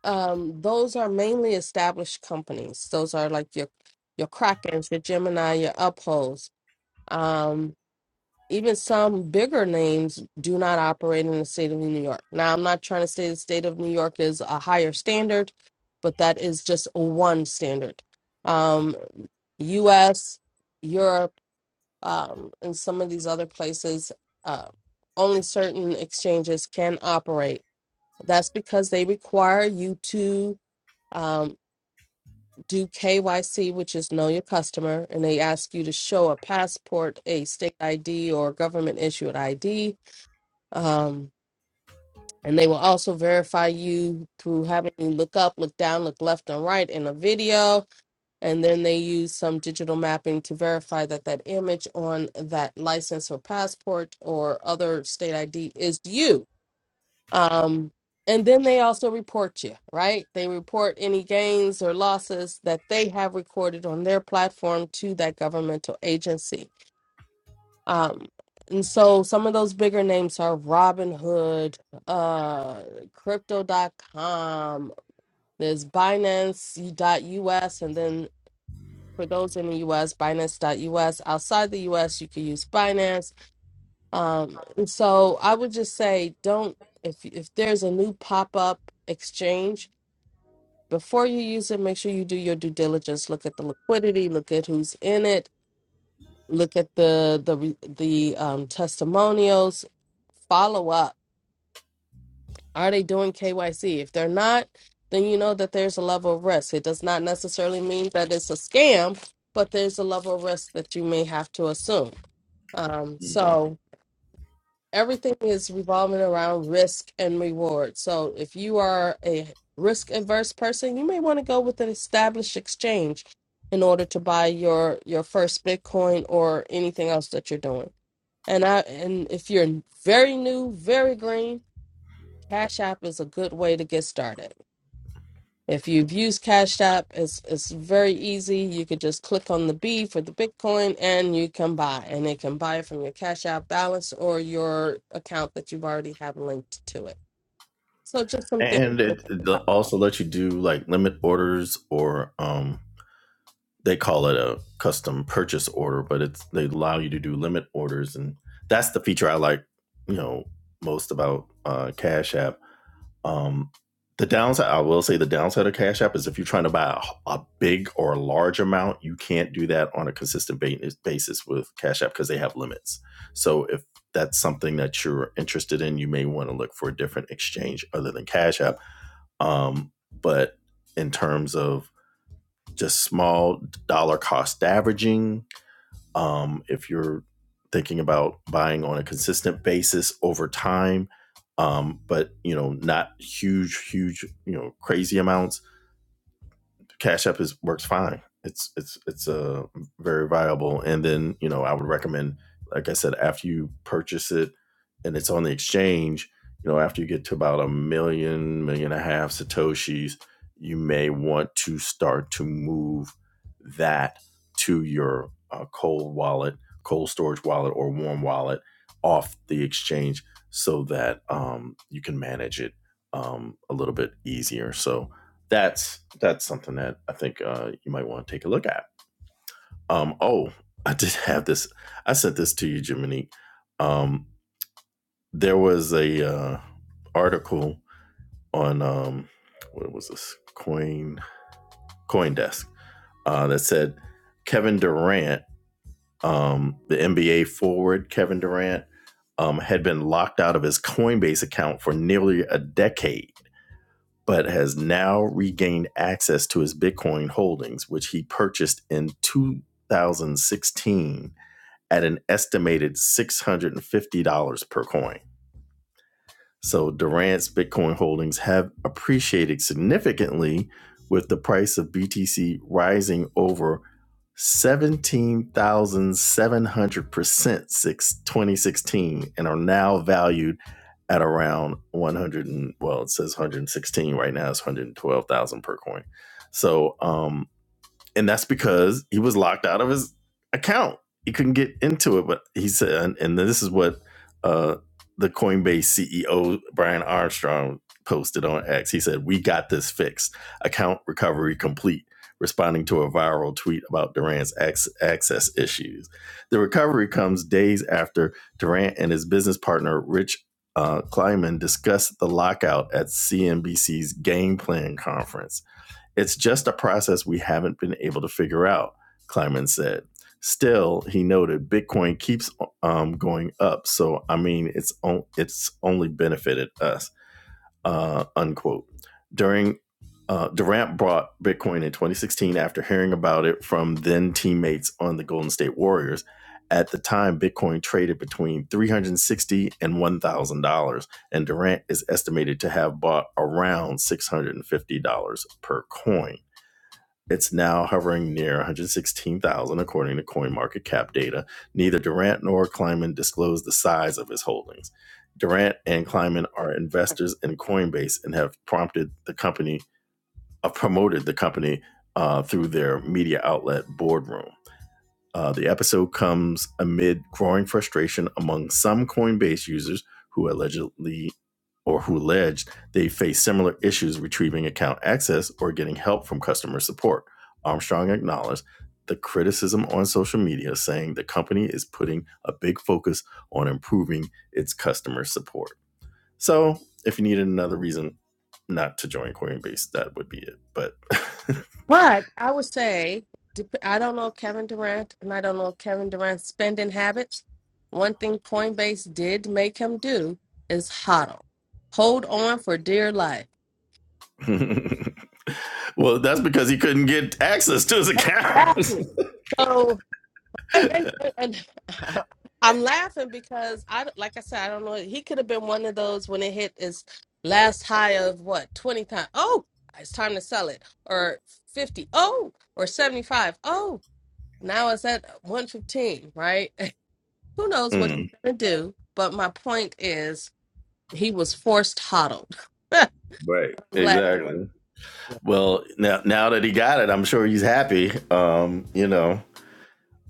S2: um, those are mainly established companies those are like your your krakens your gemini your upholds um, even some bigger names do not operate in the state of new york now i'm not trying to say the state of new york is a higher standard but that is just one standard um, us europe um, in some of these other places, uh, only certain exchanges can operate. That's because they require you to um, do KYC, which is know your customer, and they ask you to show a passport, a state ID, or government issued ID. Um, and they will also verify you through having you look up, look down, look left and right in a video and then they use some digital mapping to verify that that image on that license or passport or other state ID is you. Um, and then they also report you, right? They report any gains or losses that they have recorded on their platform to that governmental agency. Um, and so some of those bigger names are Robinhood, uh, Crypto.com, there's Binance US, and then for those in the US, Binance.us. Outside the US, you could use Binance. Um, and so I would just say don't, if, if there's a new pop up exchange, before you use it, make sure you do your due diligence. Look at the liquidity, look at who's in it, look at the, the, re- the um, testimonials, follow up. Are they doing KYC? If they're not, then you know that there's a level of risk. It does not necessarily mean that it's a scam, but there's a level of risk that you may have to assume. Um,
S1: hmm
S2: so everything is revolving around risk and reward. So if you are a risk averse person, you may want to go with an established exchange in order to buy your your first Bitcoin or anything else that you're doing. And I and if you're very new, very green, Cash App is a good way to get started. If you've used Cash App, it's it's very easy. You could just click on the B for the Bitcoin and you can buy. And it can buy from your Cash App balance or your account that you've already have linked to it. So just something.
S1: And
S2: to
S1: it,
S2: think
S1: it
S2: about.
S1: also lets you do like limit orders or um, they call it a custom purchase order, but it's they allow you to do limit orders, and that's the feature I like, you know, most about uh, Cash App Um, the downside, I will say, the downside of Cash App is if you're trying to buy a, a big or a large amount, you can't do that on a consistent basis with Cash App because they have limits. So if that's something that you're interested in, you may want to look for a different exchange other than Cash App. Um, but in terms of just small dollar cost averaging, um, if you're thinking about buying on a consistent basis over time um, but you know not huge huge you know crazy amounts Cash App is works fine. It's it's it's a uh, very viable. And then you know I would recommend, like I said, after you purchase it and it's on the exchange, you know after you get to about a million million and a half satoshis, you may want to start to move that to your uh, cold wallet, cold storage wallet, or warm wallet off the exchange so that um, you can manage it um, a little bit easier. So that's that's something that I think uh, you might want to take a look at. Um, oh, I did have this. I sent this to you, Jiminy. Um, there was a uh, article on um, what was this coin CoinDesk uh, that said Kevin Durant, um, the NBA forward Kevin Durant, um, had been locked out of his Coinbase account for nearly a decade but has now regained access to his Bitcoin holdings, which he purchased in 2016 at an estimated $650 per coin. So Durant's Bitcoin holdings have appreciated significantly with the price of BTC rising over 17,700% since 2016 and are now valued at around 100 and well it says 116 right now it's 112,000 per coin. So um and that's because he was locked out of his account. He couldn't get into it. But he said, and, and this is what uh, the Coinbase CEO Brian Armstrong posted on X. He said, "We got this fixed. Account recovery complete." Responding to a viral tweet about Durant's ac- access issues, the recovery comes days after Durant and his business partner Rich uh, Kleiman discussed the lockout at CNBC's Game Plan conference. It's just a process we haven't been able to figure out, Kleiman said. Still, he noted, Bitcoin keeps um, going up, so I mean, it's on, it's only benefited us. Uh, unquote. During uh, Durant bought Bitcoin in 2016 after hearing about it from then teammates on the Golden State Warriors. At the time, Bitcoin traded between 360 and 1,000 dollars, and Durant is estimated to have bought around 650 dollars per coin. It's now hovering near 116,000 according to CoinMarketCap data. Neither Durant nor Kleiman disclosed the size of his holdings. Durant and Kleiman are investors in Coinbase and have prompted the company, uh, promoted the company uh, through their media outlet Boardroom. Uh, the episode comes amid growing frustration among some Coinbase users who allegedly or who alleged they face similar issues retrieving account access or getting help from customer support. Armstrong acknowledged the criticism on social media, saying the company is putting a big focus on improving its customer support. So, if you needed another reason not to join Coinbase, that would be it. But
S2: But I would say, dep- I don't know Kevin Durant and I don't know Kevin Durant's spending habits. One thing Coinbase did make him do is hodl. Hold on for dear life.
S1: well, that's because he couldn't get access to his account.
S2: Exactly. So. and- and- and- and- I'm laughing because I, like I said, I don't know. He could have been one of those when it hit his last high of what twenty times. Oh, it's time to sell it, or fifty. Oh, or seventy five. Oh, now it's at one fifteen. Right? Who knows what he's
S1: Mm,
S2: gonna do? But my point is, he was forced hodled. I'm
S1: right.
S2: glad,
S1: exactly. Well, now now that he got it, I'm sure he's happy. Um, you know,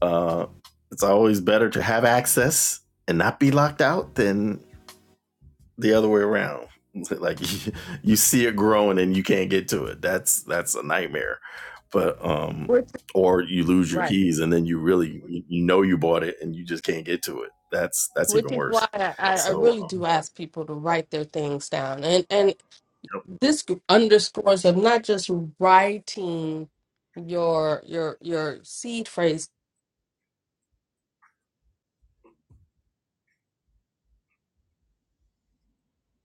S1: uh, it's always better to have access and not be locked out than the other way around. like you, you see it growing and you can't get to it. That's that's a nightmare. But um
S2: which is
S1: or you lose your
S2: right.
S1: keys and then you really you know you bought it and you just can't get to it. That's that's
S2: Which
S1: even
S2: is
S1: worse.
S2: why I, I I
S1: So
S2: really do ask people to write their things down, and and this underscores of not just writing your your your seed phrase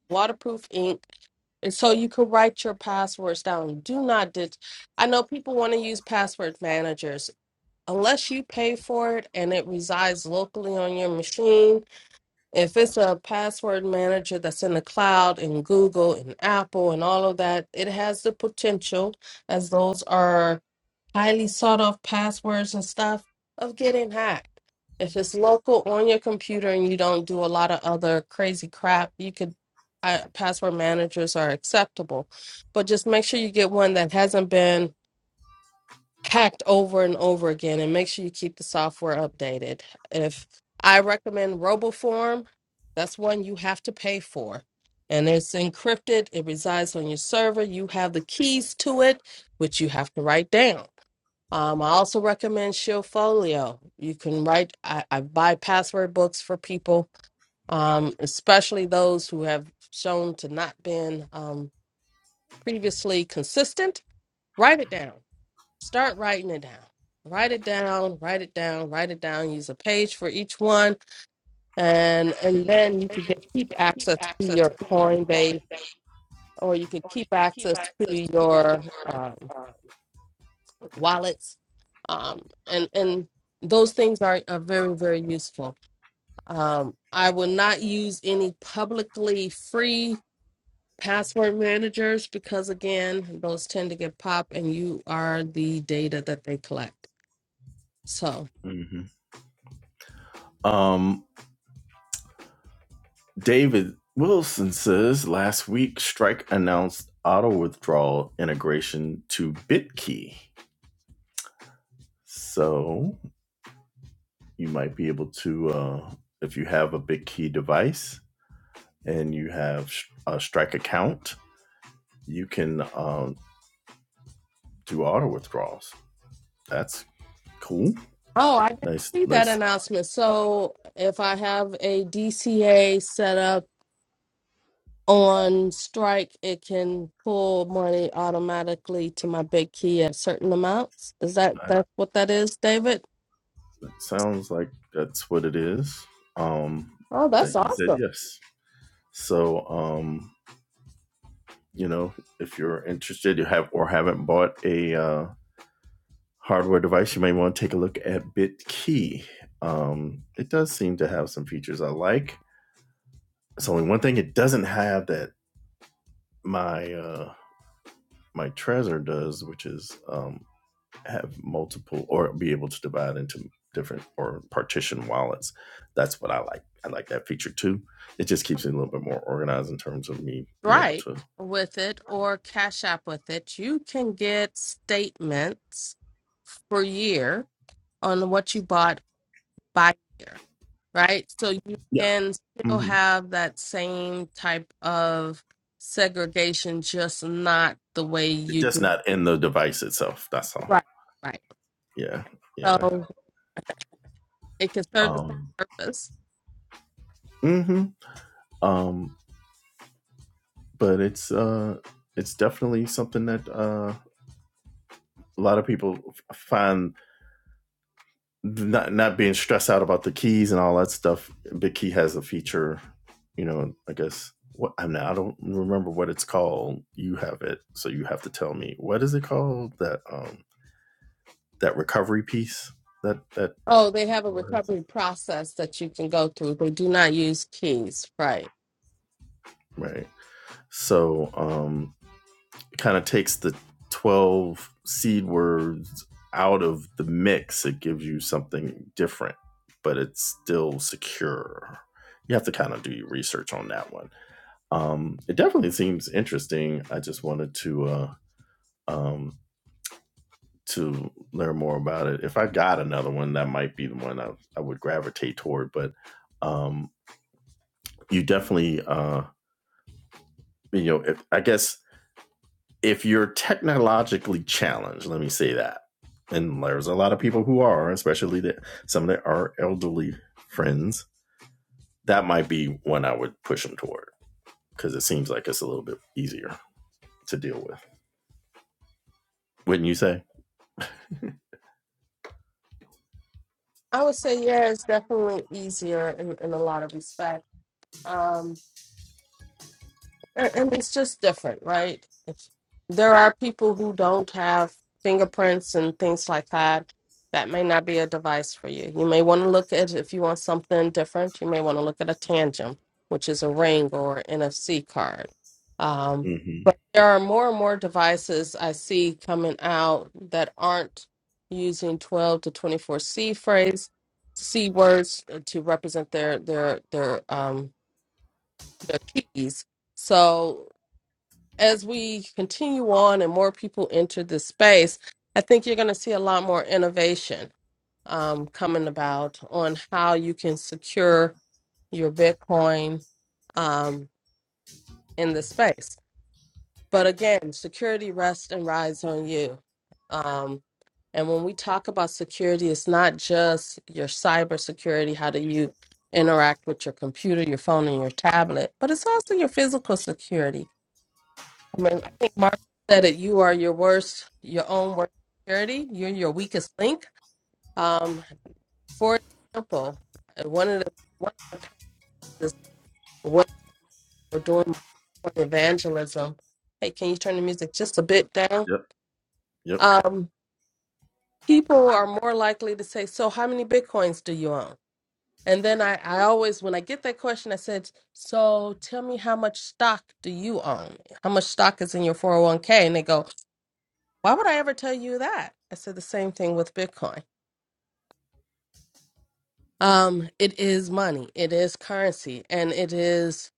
S2: waterproof ink and so you can write your passwords down do not dit- i know people want to use password managers unless you pay for it and it resides locally on your machine if it's a password manager that's in the cloud in google and apple and all of that it has the potential as those are highly sought off passwords and stuff of getting hacked. If it's local on your computer and you don't do a lot of other crazy crap, you could I, password managers are acceptable, but just make sure you get one that hasn't been hacked over and over again, and make sure you keep the software updated. If I recommend RoboForm, that's one you have to pay for, and it's encrypted. It resides on your server. You have the keys to it, which you have to write down. Um, I also recommend Shieldfolio. You can write. I, I buy password books for people, um, especially those who have shown to not been um, previously consistent. Write it down. Start writing it down. Write it down. Write it down. Write it down. Use a page for each one, and and then you can get keep access to your Coinbase, or you can keep access to your. um, wallets, um, and and those things are, are very very useful. Um, I will not use any publicly free password managers because again, those tend to get popped, and you are the data that they collect. So,
S1: mhm. um David Wilson says last week Strike announced auto withdrawal integration to BitKey. So you might be able to uh if you have a BitKey device, and you have a strike account, you can um, do auto withdrawals. That's cool.
S2: oh, I didn't
S1: Nice,
S2: see that
S1: nice.
S2: announcement. So, if I have a DCA set up on Strike, it can pull money automatically to my big key at certain amounts. Is that
S1: That,
S2: that's what that is, David?
S1: that sounds like that's what it is. Um,
S2: Oh,
S1: that
S2: that's
S1: he said
S2: awesome.
S1: yes. So, um, you know, if you're interested, you have or haven't bought a uh, hardware device, you may want to take a look at BitKey. Um, it does seem to have some features I like. It's only one thing it doesn't have that my uh, my Trezor does, which is um, have multiple or be able to divide into different or partition wallets. That's what I like. I like that feature too. It just keeps me a little bit more organized in terms of me being able
S2: Right,
S1: to.
S2: with it or Cash App with it. You can get statements per year on what you bought by year, right? So you
S1: Yeah.
S2: can still
S1: hmm
S2: have that same type of segregation, just not the way you
S1: Just
S2: do.
S1: not in the device itself. That's all.
S2: Right. Right.
S1: Yeah. Yeah.
S2: So it can serve the same
S1: Um.
S2: purpose.
S1: hmm Um. But it's uh, it's definitely something that uh, a lot of people find not not being stressed out about the keys and all that stuff. Big Key has a feature, you know. I guess what I'm not. I don't remember what it's called. You have it, so you have to tell me what is it called that um that recovery piece that that
S2: Oh, they have a recovery process that you can go through. They do not use keys. Right.
S1: right. So um, it kind of takes the twelve seed words out of the mix. It gives you something different, but it's still secure. You have to kind of do your research on that one Um, it definitely seems interesting. I just wanted to uh, um, to learn more about it. If I got another one, that might be the one I, I would gravitate toward. But um, you definitely, uh, you know, if, I guess if you're technologically challenged, let me say that. And there's a lot of people who are, especially the, some of our elderly friends. That might be one I would push them toward because it seems like it's a little bit easier to deal with. Wouldn't you say?
S2: I would say, yeah, it's definitely easier in, in a lot of respects. Um, a- and it's just different right It's- there are people who don't have fingerprints and things like that that may not be a device for you you may want to look at if you want something different you may want to look at a tangent which is a ring or nfc card um,
S1: hmm
S2: but there are more and more devices i see coming out that aren't using 12 to 24 c phrase c words uh, to represent their their their um their keys so as we continue on and more people enter this space, I think you're going to see a lot more innovation um, coming about on how you can secure your Bitcoin um, in the space. But again, security rests and rides on you. Um, and when we talk about security, it's not just your cybersecurity, how do you interact with your computer, your phone, and your tablet, but it's also your physical security I mean, I think Marshall said it. You are your worst, your own worst security. You're your weakest link. Um, for example, one of the one of my pets is when we're doing my evangelism. Hey, can you turn the music just a bit down?
S1: Yep. Yep.
S2: Um, people are more likely to say, "So, how many bitcoins do you own?" And then I, I always, when I get that question, I said, "So, tell me how much stock do you own? How much stock is in your four hundred one k?" And they go, Why would I ever tell you that? I said the same thing with Bitcoin. Um, it is money, it is currency, and it is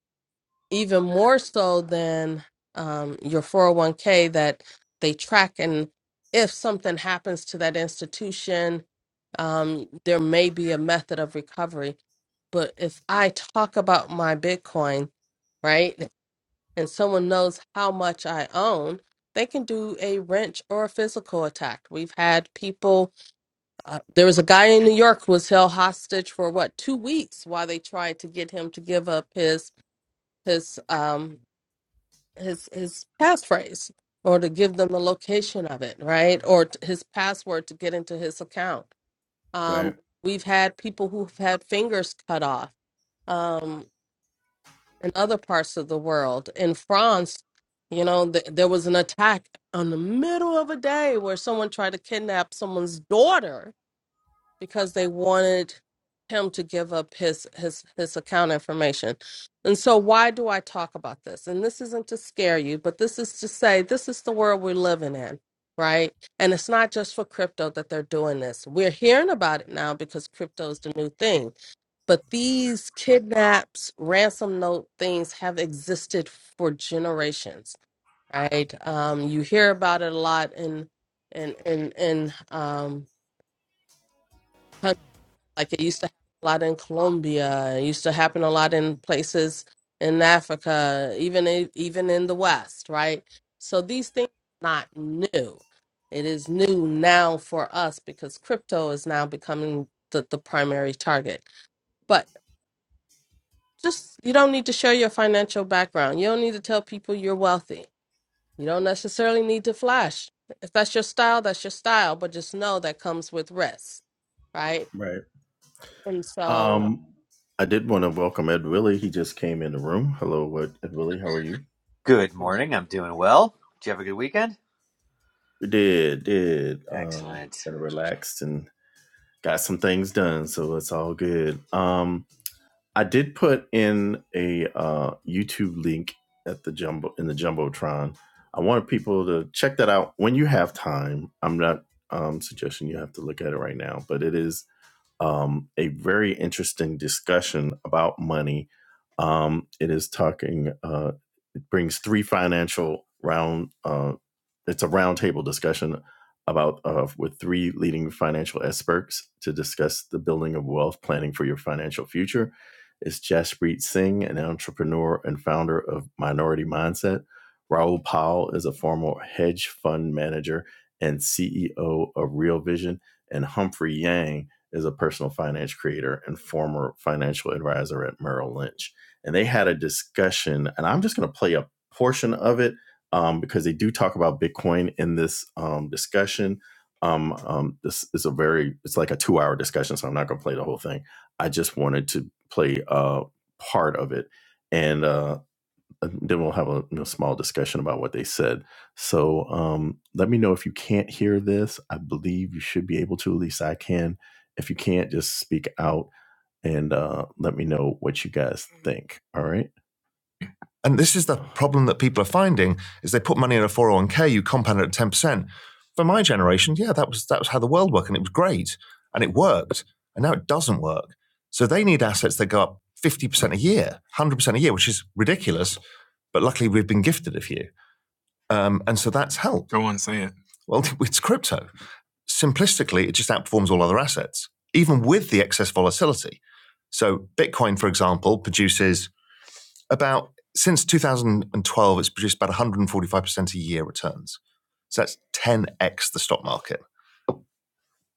S2: even more so than um, your 401k that they track. And if something happens to that institution, um, there may be a method of recovery. But if I talk about my Bitcoin, right, and someone knows how much I own, they can do a wrench or a physical attack. We've had people Uh, there was a guy in New York who was held hostage for what two weeks while they tried to get him to give up his his um his his passphrase or to give them the location of it, right? Or t- his password to get into his account. Um,
S1: Right.
S2: we've had people who've had fingers cut off um, in other parts of the world. In France, you know, th- there was an attack on the middle of a day where someone tried to kidnap someone's daughter because they wanted him to give up his his his account information. And so why do I talk about this? And this isn't to scare you, but this is to say this is the world we're living in, right? And it's not just for crypto that they're doing this. We're hearing about it now because crypto is the new thing. But these kidnaps, ransom note things have existed for generations, right? Um, you hear about it a lot in in in in um like it used to happen a lot in Colombia. It used to happen a lot in places in Africa, even in, even in the West, right? So these things are not new. It is new now for us because crypto is now becoming the, the primary target. But just you don't need to share your financial background. You don't need to tell people you're wealthy. You don't necessarily need to flash. If that's your style, that's your style, but just know that comes with risk, right? And so
S1: Um, I did want to welcome Ed Willie. He just came in the room. Hello, what Ed Willie? How are you?
S3: Good morning. I'm doing well. Did you have a good weekend?
S1: We did, did. Uh,
S3: Excellent.
S1: kind of relaxed and got some things done, so it's all good. Um, I did put in a uh, YouTube link at the jumbo in the jumbotron. I wanted people to check that out when you have time. I'm not um, suggesting you have to look at it right now, but it is. um, a very interesting discussion about money. Um, it is talking. uh, brings three financial round. Uh, it's a roundtable discussion about uh, with three leading financial experts to discuss the building of wealth planning for your financial future. It's Jaspreet Singh, an entrepreneur and founder of Minority Mindset. Raul Powell is a former hedge fund manager and CEO of Real Vision, and Humphrey Yang is a personal finance creator and former financial advisor at Merrill Lynch and they had a discussion, and I'm just going to play a portion of it um, because they do talk about Bitcoin in this um, discussion. Um, um, this is a very, it's like a two hour discussion, so I'm not going to play the whole thing. I just wanted to play a part of it, and uh, then we'll have a you know, small discussion about what they said. So um, let me know if you can't hear this. I believe you should be able to, at least I can. If you can't, just speak out and uh, let me know what you guys think. All right. And this is the problem that people are finding is they put money in a 401k, you compound it at 10%. For my generation, yeah, that was that was how the world worked and it was great and it worked. And now it doesn't work. So they need assets that go up 50% a year, 100% a year, which is ridiculous. But luckily, we've been gifted a few. Um, and so that's helped. Cool. Well, it's crypto. Simplistically, it just outperforms all other assets, even with the excess volatility. So Bitcoin, for example, produces about since 2012, it's produced about 145% a year returns. So that's 10x the stock market.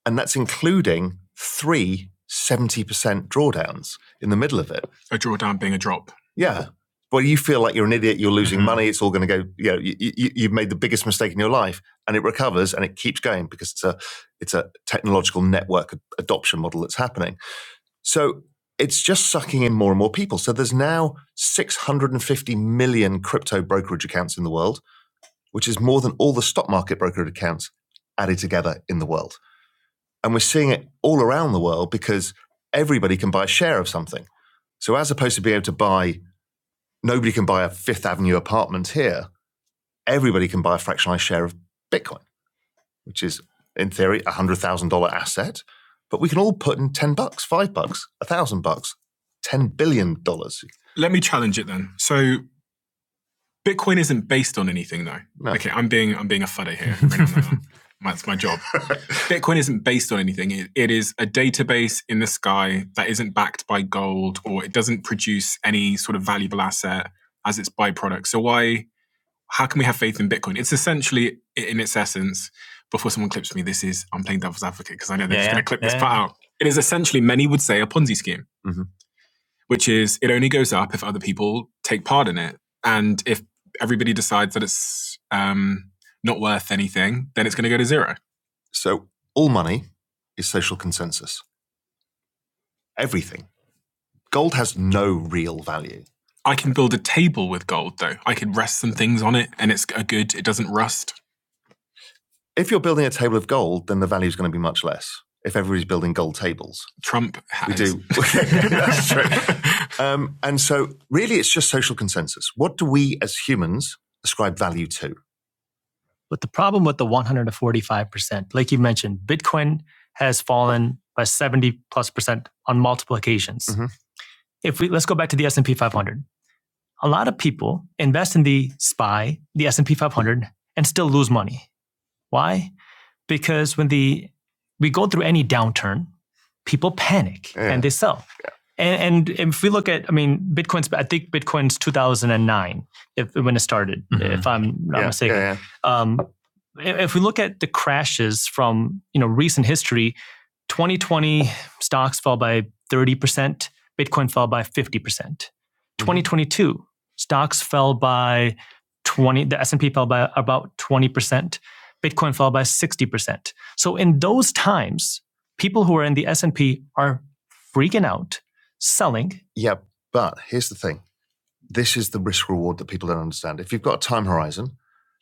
S1: And that's including three seventy percent drawdowns in the middle of it. Yeah. Well, you feel like you're an idiot, you're losing Mhm. money, it's all going to go, you know, you, you, you've made the biggest mistake in your life. And it recovers and it keeps going because it's a, it's a technological network adoption model that's happening. So it's just sucking in more and more people. So there's now 650 million crypto brokerage accounts in the world, which is more than all the stock market brokerage accounts added together in the world. And we're seeing it all around the world because everybody can buy a share of something. So as opposed to being able to buy, nobody can buy a Fifth Avenue apartment here, everybody can buy a fractionalized share of Bitcoin which is in theory a hundred thousand dollar asset, but we can all put in ten bucks, five bucks, a thousand bucks, ten billion dollars. Let me challenge it then. So Bitcoin isn't based on anything though. No. Okay, I'm being I'm being a fuddy here. That's my job. Bitcoin isn't based on anything. It, it is a database in the sky that isn't backed by gold or it doesn't produce any sort of valuable asset as its byproduct. So why how can we have faith in Bitcoin? It's essentially in its essence. Before someone clips me, this is I'm playing devil's advocate because I know they're Yeah, just yeah, going to clip yeah. this yeah. part out. It is essentially many would say a Ponzi scheme, hmm which is it only goes up if other people take part in it, and if everybody decides that it's um, not worth anything, then it's going to go to zero. So all money is social consensus. Everything. Gold has no real value. I can build a table with gold though. I could rest some things on it, and it's a good. It doesn't rust. If you're building a table of gold, then the value is going to be much less. If everybody's building gold tables, Trump has. we do. That's true. Um, and so, really, it's just social consensus. What do we as humans ascribe value to? But the problem with the 145%, like you mentioned, Bitcoin has fallen by 70 plus percent on multiple occasions. Mhm. If we let's go back to the S&P 500. A lot of people invest in the SPY, the S&P 500 and still lose money. Why? because when the we go through any downturn, people panic Yeah. and they sell. Yeah. And, and if we look at, I mean, Bitcoin's, I think Bitcoin's 2009 if, when it started, Mhm. if I'm not yeah, mistaken yeah, yeah. um, if we look at the crashes from you know recent history 2020 stocks fell by 30% bitcoin fell by 50% percent 2022 stocks fell by 20 the s&p fell by about 20% Bitcoin fell by 60%. So in those times, people who are in the S&P are freaking out, selling. Yeah, but here's the thing. This is the risk reward that people don't understand. If you've got a time horizon,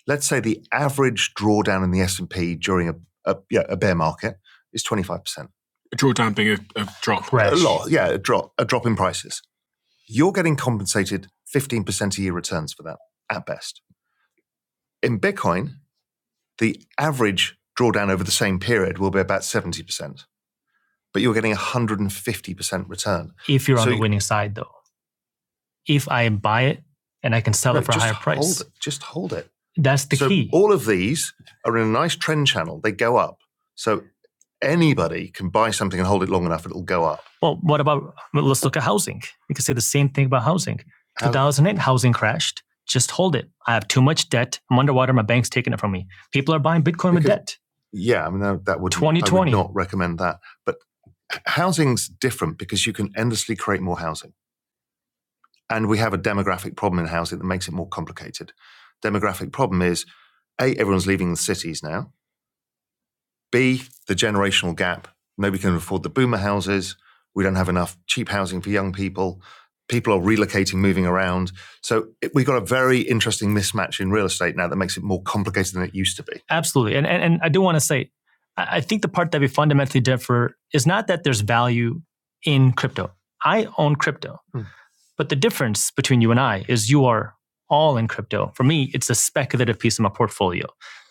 S1: let's say the average drawdown in the S&P during a, a, yeah, a bear market is 25%. A drawdown being a, a drop. Right. A lot, yeah, a drop, a drop in prices. You're getting compensated 15% a year returns for that at best. In Bitcoin, the average drawdown over the same period will be about 70%, but you're getting 150% return. If you're So on the winning side, though if I buy it and I can sell No, it for a higher price. Hold it. Just hold it. That's the so key. all of these are in a nice trend channel. They go up. So anybody can buy something and hold it long enough, it'll go up. well, what about well, let's look at housing. You can say the same thing about housing. 2008 housing crashed. Just hold it. I have too much debt. I'm underwater. My bank's taking it from me. People are buying Bitcoin because, with debt. Yeah, I mean that, that would twenty twenty I would 2020. not recommend that. But housing's different because you can endlessly create more housing. And we have a demographic problem in housing that makes it more complicated. Demographic problem is A, everyone's leaving the cities now. B, the generational gap. Nobody can afford the boomer houses. We don't have enough cheap housing for young people. People are relocating, moving around. So it, we've got a very interesting mismatch in real estate now that makes it more complicated than it used to be. Absolutely. And, and, and I do want to say, I think the part that we fundamentally differ is not that there's value in crypto. I own crypto. Hmm. But the difference between you and I is you are all in crypto. For me, it's a speculative piece of my portfolio.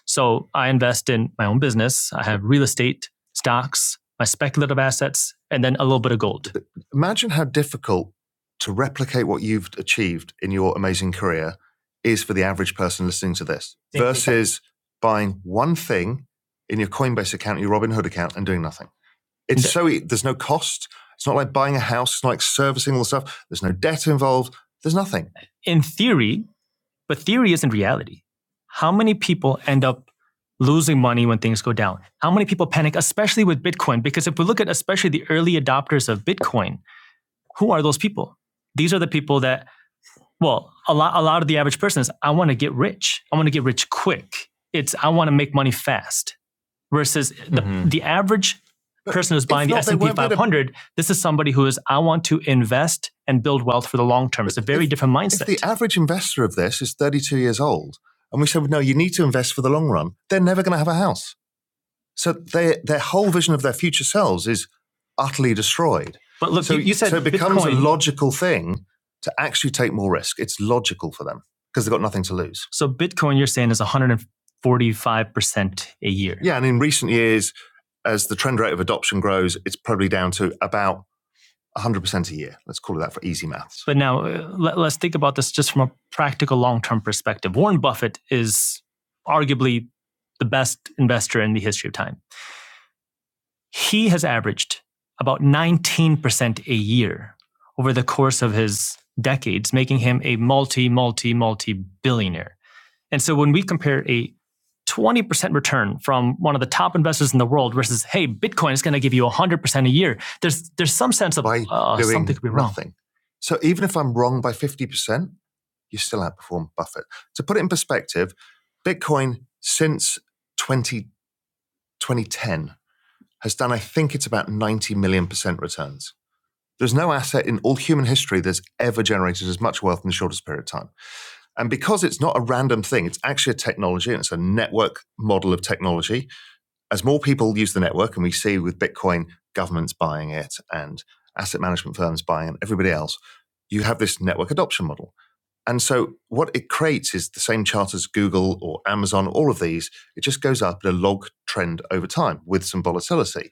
S1: So I invest in my own business. I have real estate, stocks, my speculative assets, and then a little bit of gold. Imagine how difficult to replicate what you've achieved in your amazing career is for the average person listening to this versus buying one thing in your Coinbase account, your Robinhood account, and doing nothing. It's Yeah. so e- there's no cost. It's not like buying a house. It's not like servicing all the stuff. There's no debt involved. There's nothing. In theory, but theory isn't reality. How many people end up losing money when things go down? How many people panic, especially with Bitcoin? Because if we look at especially the early adopters of Bitcoin, who are those people? These are the people that, well, a lot, a lot of the average person is, I want to get rich. I want to get rich quick. It's, I want to make money fast versus the, mm-hmm. the average person who's buying the S and P won't 500. This is somebody who is I want to invest and build wealth for the long term. It's a very if, different mindset. If the average investor of this is 32 years old and we said, no, you need to invest for the long run, they're never going to have a house. So their their whole vision of their future selves is utterly destroyed. But look, so you, you said so it becomes Bitcoin. a logical thing to actually take more risk. It's logical for them because they've got nothing to lose. so Bitcoin, you're saying is 145 percent a year. Yeah, and in recent years, as the trend rate of adoption grows, it's probably down to about 100% a year. Let's call it that for easy maths. But now uh, let, us think about this just from a practical long term perspective. Warren Buffett is arguably the best investor in the history of time. He has averaged about 19% a year over the course of his decades, making him a multi, multi, multi billionaire. And so when we compare a 20% return from one of the top investors in the world versus, hey, Bitcoin is going to give you 100% a year, there's, there's some sense of uh, something could be wrong. nothing. So even if I'm wrong by 50%, you still outperform Buffett. To put it in perspective, Bitcoin since 20 2010 has done, I think it's about 90 million percent returns. There's no asset in all human history that's ever generated as much wealth in the shortest period of time. And because it's not a random thing, it's actually a technology and it's a network model of technology. As more people use the network, and we see with Bitcoin, governments buying it and asset management firms buying it, everybody else, you have this network adoption model. And so what it creates is the same chart as Google or Amazon, all of these. It just goes up in a log trend over time with some volatility.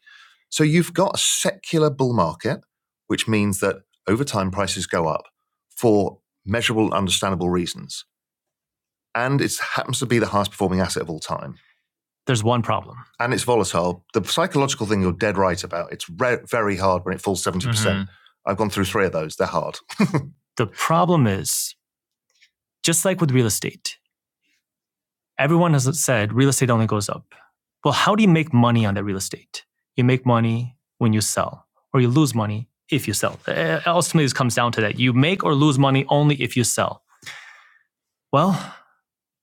S1: So you've got a secular bull market, which means that over time prices go up for measurable, and understandable reasons. And it happens to be the highest performing asset of all time. There's one problem. And it's volatile. The psychological thing you're dead right about. It's re- very hard when it falls 70%. percent Mm-hmm. I've gone through three of those. They're hard. The problem is just like with real estate, everyone has said real estate only goes up. Well, how do you make money on that real estate? You make money when you sell, or you lose money if you sell. Uh, Ultimately, this comes down to that. You make or lose money only if you sell. Well,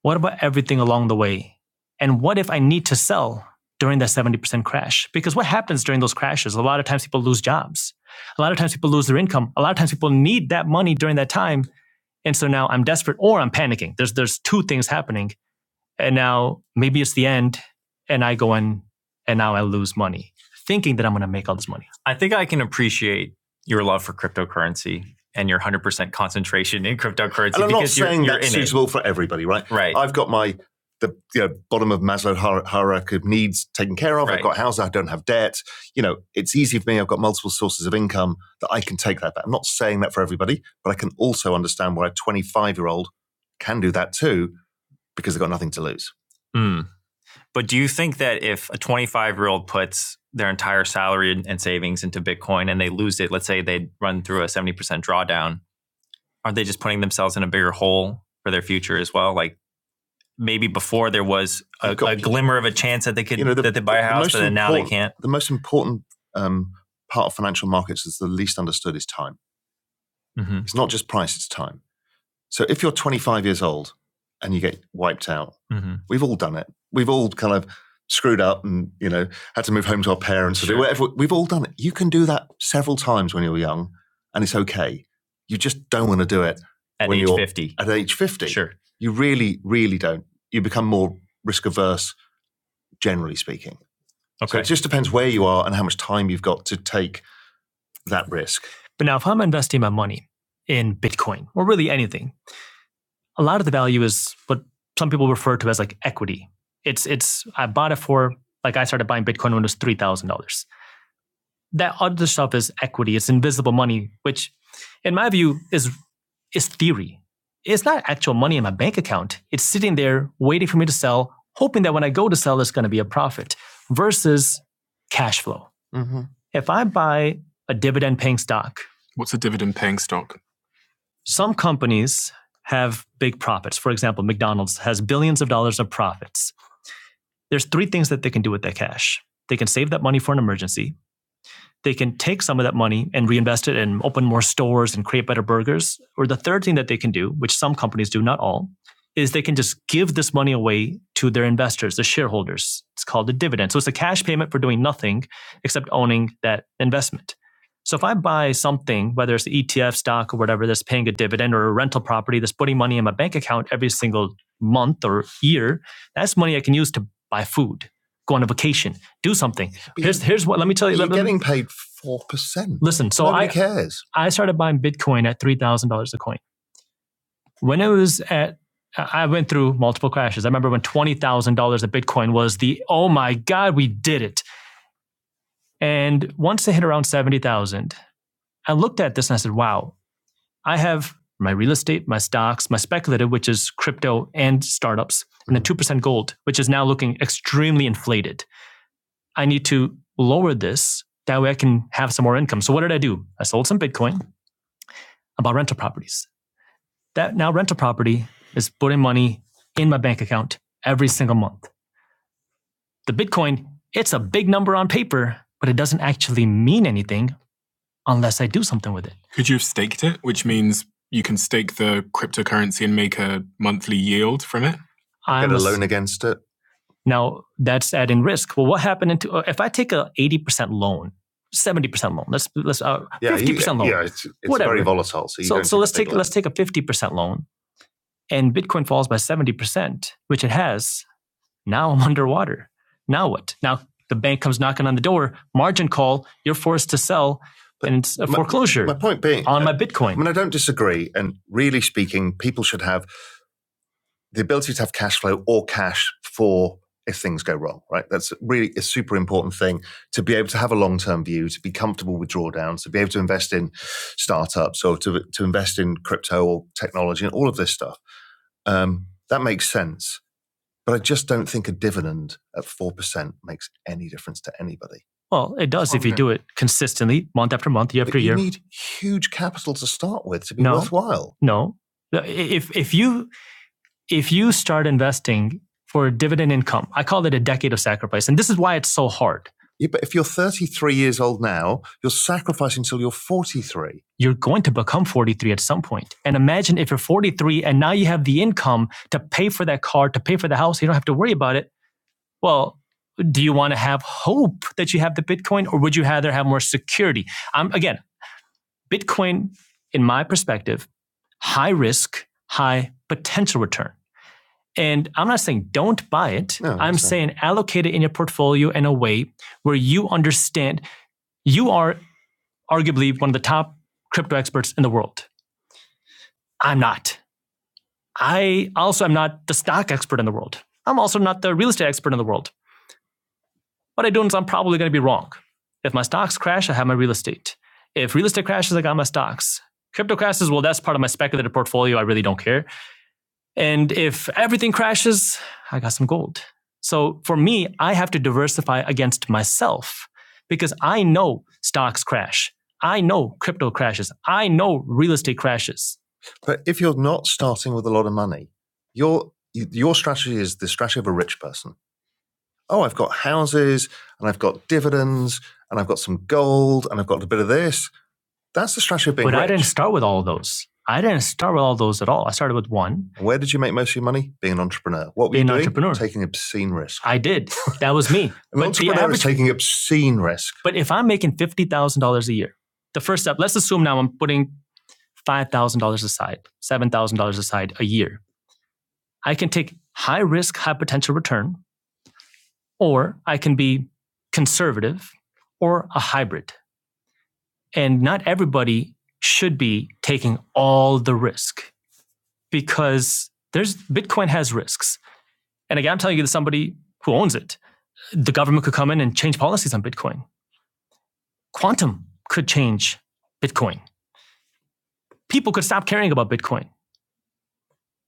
S1: what about everything along the way? And what if I need to sell during that 70% crash? Because what happens during those crashes? A lot of times people lose jobs. A lot of times people lose their income. A lot of times people need that money during that time. And so now I'm desperate or I'm panicking. There's, there's two things happening and now maybe it's the end, and I go in, and now I lose money, thinking that I'm going to make all this money. I think I can appreciate your love for cryptocurrency and your 100% concentration in cryptocurrency And I'm because not you're, saying you're that's in it. suitable for everybody, right? Right. I've got my the you know, bottom of Maslow hierarchy of needs taken care of. Right. I've got a house. I don't have debt. You know, it's easy for me. I've got multiple sources of income that I can take that. Back. I'm not saying that for everybody, but I can also understand why a 25 year old can do that too because they've got nothing to lose. Mm. But do you think that if a 25 year old puts their entire salary and savings into Bitcoin and they lose it, let's say they run through a 70% drawdown, aren't they just putting themselves in a bigger hole for their future as well? Like maybe before there was a, got a glimmer of a chance that they could You know, the- that they buy a house, most but then now they can't. The most important um, part of financial markets that's the least understood is time. hmm It's not just price, it's time. So if you're 25 years old and you get wiped out, Mm-hmm. we've all done it. We've all kind of screwed up and, you know, had to move home to our parents sure. or Sure. do whatever. We've all done it. You can do that several times when you're young and it's okay. You just don't want to do it At When age you're- 50. at age 50. Sure. You really, really don't. You become more risk averse, generally speaking. So Okay. So it just depends where you are and how much time you've got to take that risk. But now, if I'm investing my money in Bitcoin or really anything, a lot of the value is what some people refer to as like equity. It's it's I bought it for like I started buying Bitcoin when it was three thousand dollars. That other stuff is equity. It's invisible money, which, in my view, is is theory. It's not actual money in my bank account. It's sitting there waiting for me to sell, hoping that when I go to sell, there's going to be a profit. Versus cash flow. Mhm. If I buy a dividend paying stock, What's a dividend paying stock? Some companies have big profits. For example, McDonald's has billions of dollars of profits. There's three things that they can do with that cash. They can save that money for an emergency they can take some of that money and reinvest it and open more stores and create better burgers. Or the third thing that they can do, which some companies do, not all, is they can just give this money away to their investors, the shareholders. It's called a dividend. So it's a cash payment for doing nothing except owning that investment. So if I buy something, whether it's ETF stock or whatever, that's paying a dividend or a rental property that's putting money in my bank account every single month or year, that's money I can use to buy food go on a vacation, do something. But Here's here's what. Let me tell you. You're Let, getting paid 4%. listen. So Nobody I cares. I started buying Bitcoin at three thousand dollars a coin. When it was at, I I went through multiple crashes. I remember when twenty thousand dollars a Bitcoin was the oh my god, we did it. And once it hit around seventy thousand, I looked at this and I said, wow, I have my real estate, my stocks, my speculative, which is crypto and startups, and then two percent gold, which is now looking extremely inflated. I need to lower this. That way I can have some more income. So what did I do? I sold some Bitcoin. I bought rental properties. That now rental property is putting money in my bank account every single month. The Bitcoin, it's a big number on paper, but it doesn't actually mean anything unless I do something with it. Could you have staked it, which means you can stake the cryptocurrency and make a monthly yield from it? I'm Get a loan against it. Now that's adding risk. Well, what happened into uh, if I take a eighty percent loan, seventy percent loan? Let's let's uh, Yeah, fifty you- percent you, loan. Yeah, it's, it's Whatever. very volatile. So, you so so let's take let's take a fifty percent loan, and Bitcoin falls by seventy percent, which it has. Now I'm underwater. Now what? Now the bank comes knocking on the door. Margin call. You're forced to sell, But and it's a my- foreclosure My point being, on uh, my Bitcoin. I mean, Bitcoin. I don't disagree. And really speaking, people should have the ability to have cash flow or cash for if things go wrong, right? That's really a super important thing to be able to have a long term view, to be comfortable with drawdowns, to be able to invest in startups or to, to invest in crypto or technology and all of this stuff. Um, that makes sense. But I just don't think a dividend at 4% makes any difference to anybody. Well, it does if you do it consistently, month after month, year after year. you need huge capital to start with to be No. worthwhile. no, if if you if you start investing for dividend income, I call it a decade of sacrifice. And this is why it's so hard. Yeah, but if you're 33 years old now, you're sacrificing until you're 43. You're going to become 43 at some point. And imagine if you're 43 and now you have the income to pay for that car, to pay for the house, you don't have to worry about it. Well, do you want to have hope that you have the Bitcoin or would you rather have more security? Um, again, Bitcoin, in my perspective, high risk, high potential return. And I'm not saying don't buy it. No, I'm that's right. saying allocate it in your portfolio in a way where you understand you are arguably one of the top crypto experts in the world. I'm not. I also am not the stock expert in the world. I'm also not the real estate expert in the world. What I do is I'm probably going to be wrong. If my stocks crash, I have my real estate. If real estate crashes, I got my stocks. Crypto crashes, well, that's part of my speculative portfolio. I really don't care. And if everything crashes, I got some gold. So for me, I have to diversify against myself because I know stocks crash. I know crypto crashes. I know real estate crashes. But if you're not starting with a lot of money, your your strategy is the strategy of a rich person. Oh, I've got houses and I've got dividends and I've got some gold and I've got a bit of this that's the strategy of being but rich. I didn't start with all of those. I didn't start with all those at all. I started with one. Where did you make most of your money? Being an entrepreneur. What were Being you doing? an entrepreneur. Taking obscene risk. I did. That was me. An but the entrepreneur the average is taking obscene risk. But if I'm making fifty thousand dollars a year, the first step. Let's assume now I'm putting five thousand dollars aside, seven thousand dollars aside a year. I can take high risk, high potential return, or I can be conservative, or a hybrid. And not everybody should be taking all the risk because there's Bitcoin has risks. And again, I'm telling you to somebody who owns it. The government could come in and change policies on Bitcoin. Quantum could change Bitcoin. People could stop caring about Bitcoin.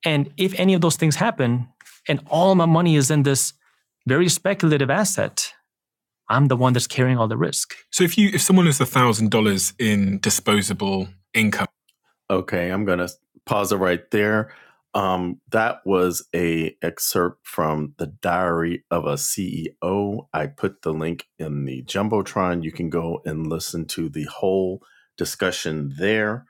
S1: And if any of those things happen, and all my money is in this very speculative asset, I'm the one that's carrying all the risk. So if you if someone has a thousand dollars in disposable income Okay, I'm going to pause it right there. Um, that was a excerpt from the Diary of a CEO. I put the link in the jumbotron. You can go and listen to the whole discussion there.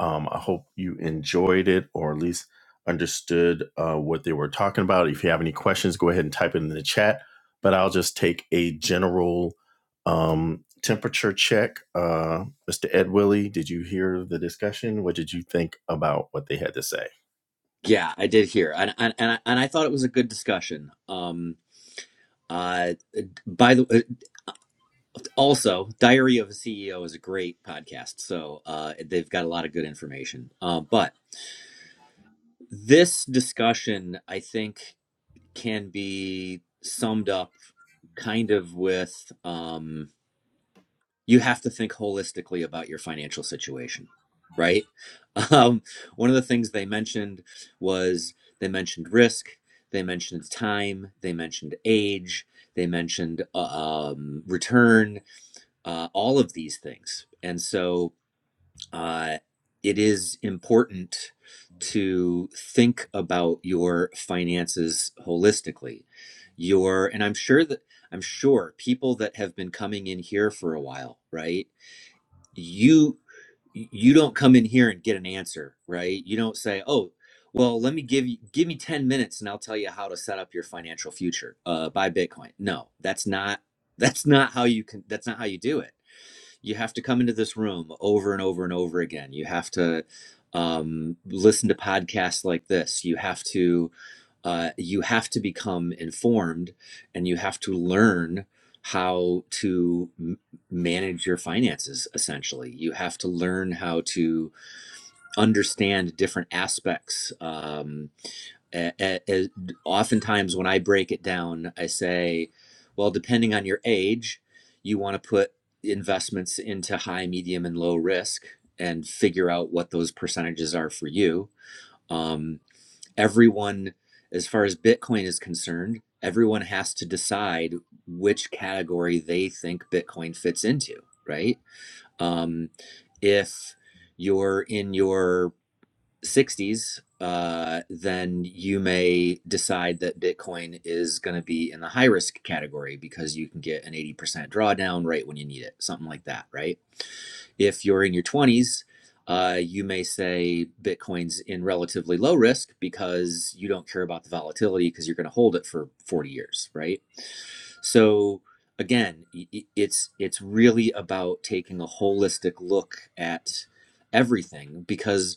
S1: Um, I hope you enjoyed it, or at least understood uh, what they were talking about. If you have any questions, go ahead and type it in the chat. But I'll just take a general um, temperature check. Uh, Mr. Ed Willie, did you hear the discussion? What did you think about what they had to say?
S3: Yeah, I did hear, and and and I, and I thought it was a good discussion. Um, uh, by the uh, also, Diary of a CEO is a great podcast, so uh, they've got a lot of good information. Uh, but this discussion, I think, can be summed up kind of with um. you have to think holistically about your financial situation, right? Um, one of the things they mentioned was they mentioned risk, they mentioned time, they mentioned age, they mentioned uh, um, return, uh, all of these things. And so uh, it is important to think about your finances holistically. Your, and I'm sure that I'm sure people that have been coming in here for a while, right? you you don't come in here and get an answer right you don't say oh well let me give you give me 10 minutes and i'll tell you how to set up your financial future uh, buy bitcoin no that's not that's not how you can that's not how you do it you have to come into this room over and over and over again. You have to um, listen to podcasts like this. You have to uh, you have to become informed, and you have to learn how to m- manage your finances. Essentially, you have to learn how to understand different aspects. Um, a- a- a- oftentimes, when I break it down, I say, well, depending on your age, you want to put investments into high, medium, and low risk and figure out what those percentages are for you. Um, everyone, as far as Bitcoin is concerned, everyone has to decide which category they think Bitcoin fits into, right? Um, if you're in your 60s, uh, then you may decide that Bitcoin is going to be in the high risk category because you can get an 80% drawdown right when you need it, something like that, right? If you're in your 20s, uh, you may say Bitcoin's in relatively low risk because you don't care about the volatility because you're going to hold it for 40 years, right? So again, it's it's really about taking a holistic look at everything because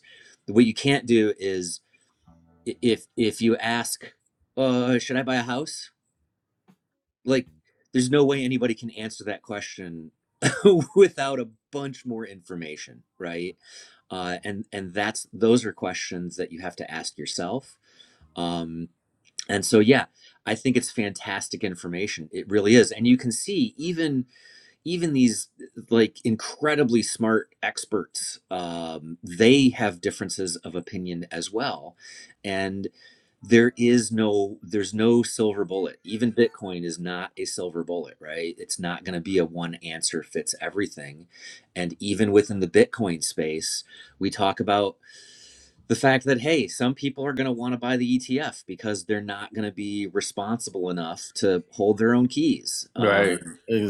S3: what you can't do is if if you ask uh should i buy a house like there's no way anybody can answer that question without a bunch more information right uh and and that's those are questions that you have to ask yourself um and so yeah i think it's fantastic information it really is and you can see even even these like incredibly smart experts um, they have differences of opinion as well and there is no there's no silver bullet even bitcoin is not a silver bullet right it's not going to be a one answer fits everything and even within the bitcoin space we talk about the fact that hey some people are going to want to buy the etf because they're not going to be responsible enough to hold their own keys um,
S1: Right.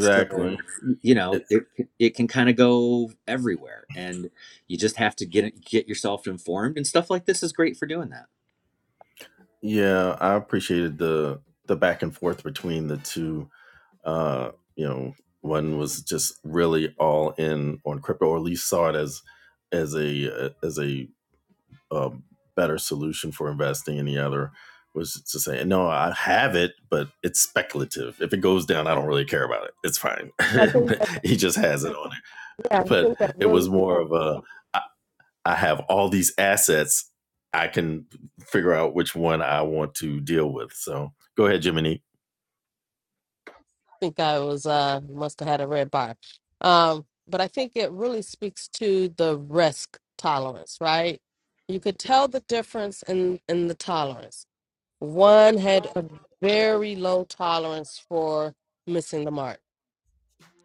S3: so you know
S1: It's
S3: it, it can kind of go everywhere and you just have to get get yourself informed and stuff like this is great for doing that
S1: yeah, I appreciated the the back and forth between the two. Uh, you know, one was just really all in on crypto, or at least saw it as as a uh, as a a better solution for investing. And the other was to say, no, I have it, but it's speculative. If it goes down, I don't really care about it. It's fine. he just has it on it.
S2: Yeah, I
S1: But
S2: think that
S1: it
S2: really
S1: was
S2: I
S1: more of a, I, I have all these assets. I can figure out which one I want to deal with. So go ahead, Jiminy.
S2: think I was uh must have had a red bar. Um, but I think it really speaks to the risk tolerance, right? You could tell the difference in in the tolerance. One had a very low tolerance for missing the mark.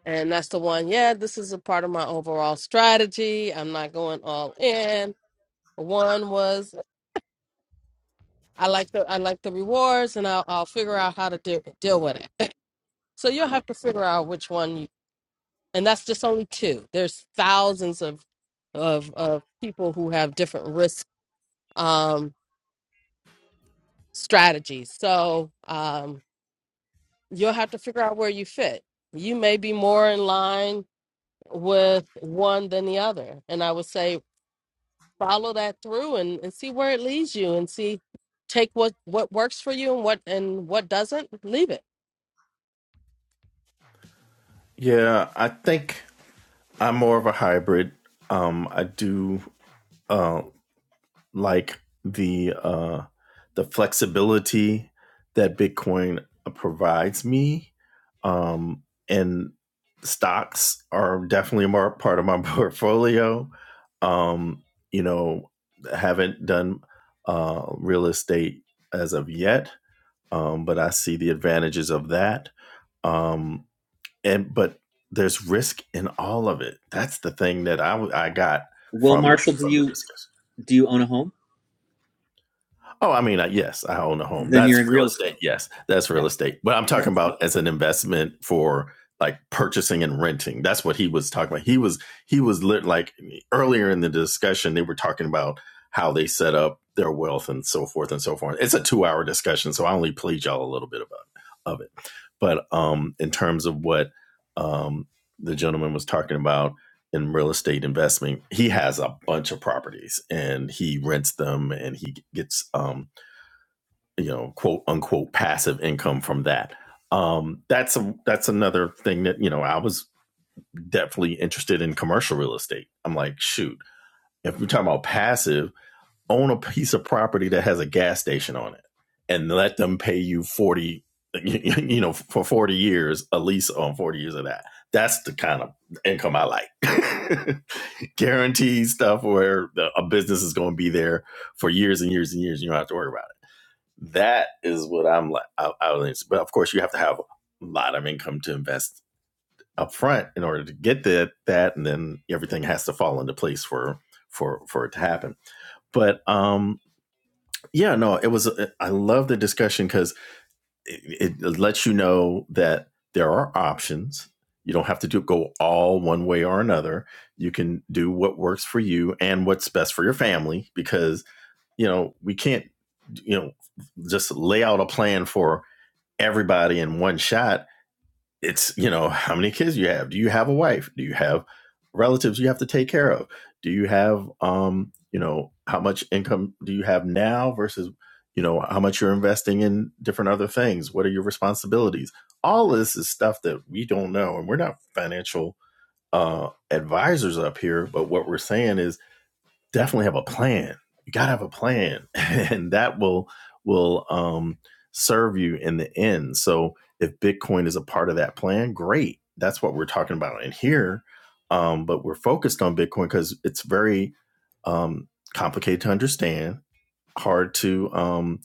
S2: And that's the one, yeah, this is a part of my overall strategy. I'm not going all in. One was I like the I like the rewards and I'll I'll figure out how to de- deal with it. So you'll have to figure out which one and that's just only two there's thousands of of of people who have different risk um strategies so um you'll have to figure out where you fit you may be more in line with one than the other and i would say follow that through and, and see where it leads you and see take what what works for you and what and what doesn't leave it
S1: Yeah, I think I'm more of a hybrid. Um, I do uh, like the uh the flexibility that bitcoin provides me um and stocks are definitely more part of my portfolio um you know haven't done uh real estate as of yet um but i see the advantages of that um and but there's risk in all of it that's the thing that I I got
S3: well
S1: from
S3: marshall do
S1: from the
S3: you
S1: discussion
S3: do you own a home?
S1: Oh, I mean, uh, yes, I own a home.
S3: Then you're
S1: That's
S3: in
S1: real
S3: real
S1: estate.
S3: estate.
S1: Yes, that's real
S3: Yeah.
S1: estate. But I'm
S3: Yep.
S1: talking about as an investment for like purchasing and renting. That's what he was talking about. He was he was lit, like earlier in the discussion they were talking about how they set up their wealth and so forth and so forth. It's a 2-hour discussion, so I only played y'all a little bit about of it. But um in terms of what um the gentleman was talking about in real estate investment, he has a bunch of properties and he rents them and he gets um, you know, quote unquote passive income from that. Um, that's a that's another thing that, you know, I was definitely interested in commercial real estate. I'm like, shoot, if we're talking about passive own a piece of property that has a gas station on it and let them pay you 40 you know for 40 years a lease on 40 years of that that's the kind of income i like guaranteed stuff where the, a business is going to be there for years and years and years and you don't have to worry about it that is what i'm like I, I was, but of course you have to have a lot of income to invest up front in order to get that that and then everything has to fall into place for for for it to happen but um yeah no it was uh, i love the discussion because it, it lets you know that there are options you don't have to do, go all one way or another you can do what works for you and what's best for your family because you know we can't you know just lay out a plan for everybody in one shot it's you know how many kids you have do you have a wife do you have relatives you have to take care of do you have um you know how much income do you have now versus you know how much you're investing in different other things what are your responsibilities all this is stuff that we don't know and we're not financial uh advisors up here but what we're saying is definitely have a plan. You got to have a plan, and that will will um, serve you in the end. So if Bitcoin is a part of that plan, great. That's what we're talking about in here. Um, but we're focused on Bitcoin because it's very um, complicated to understand hard to um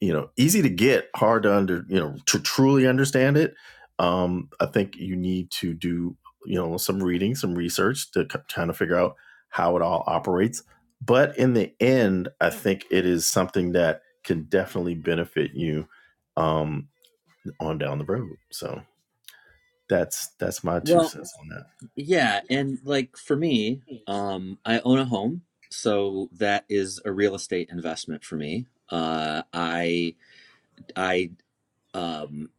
S1: you know easy to get hard to under you know to truly understand it um i think you need to do you know some reading some research to k- kind of figure out how it all operates but in the end i think it is something that can definitely benefit you um on down the road so that's that's my two
S3: Well,
S1: cents on that
S3: yeah, and like for me, um, I own a home, so that is a real estate investment for me. Uh, I I um,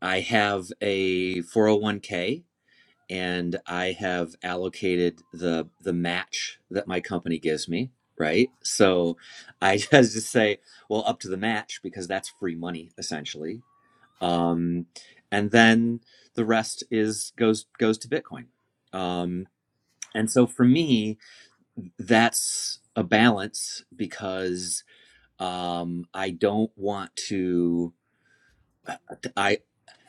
S3: I have a 401k and I have allocated the the match that my company gives me, right? So I just just say, well, up to the match because that's free money essentially um, and then the rest is goes goes to Bitcoin. Um, and so for me, that's a balance because um, I don't want to. I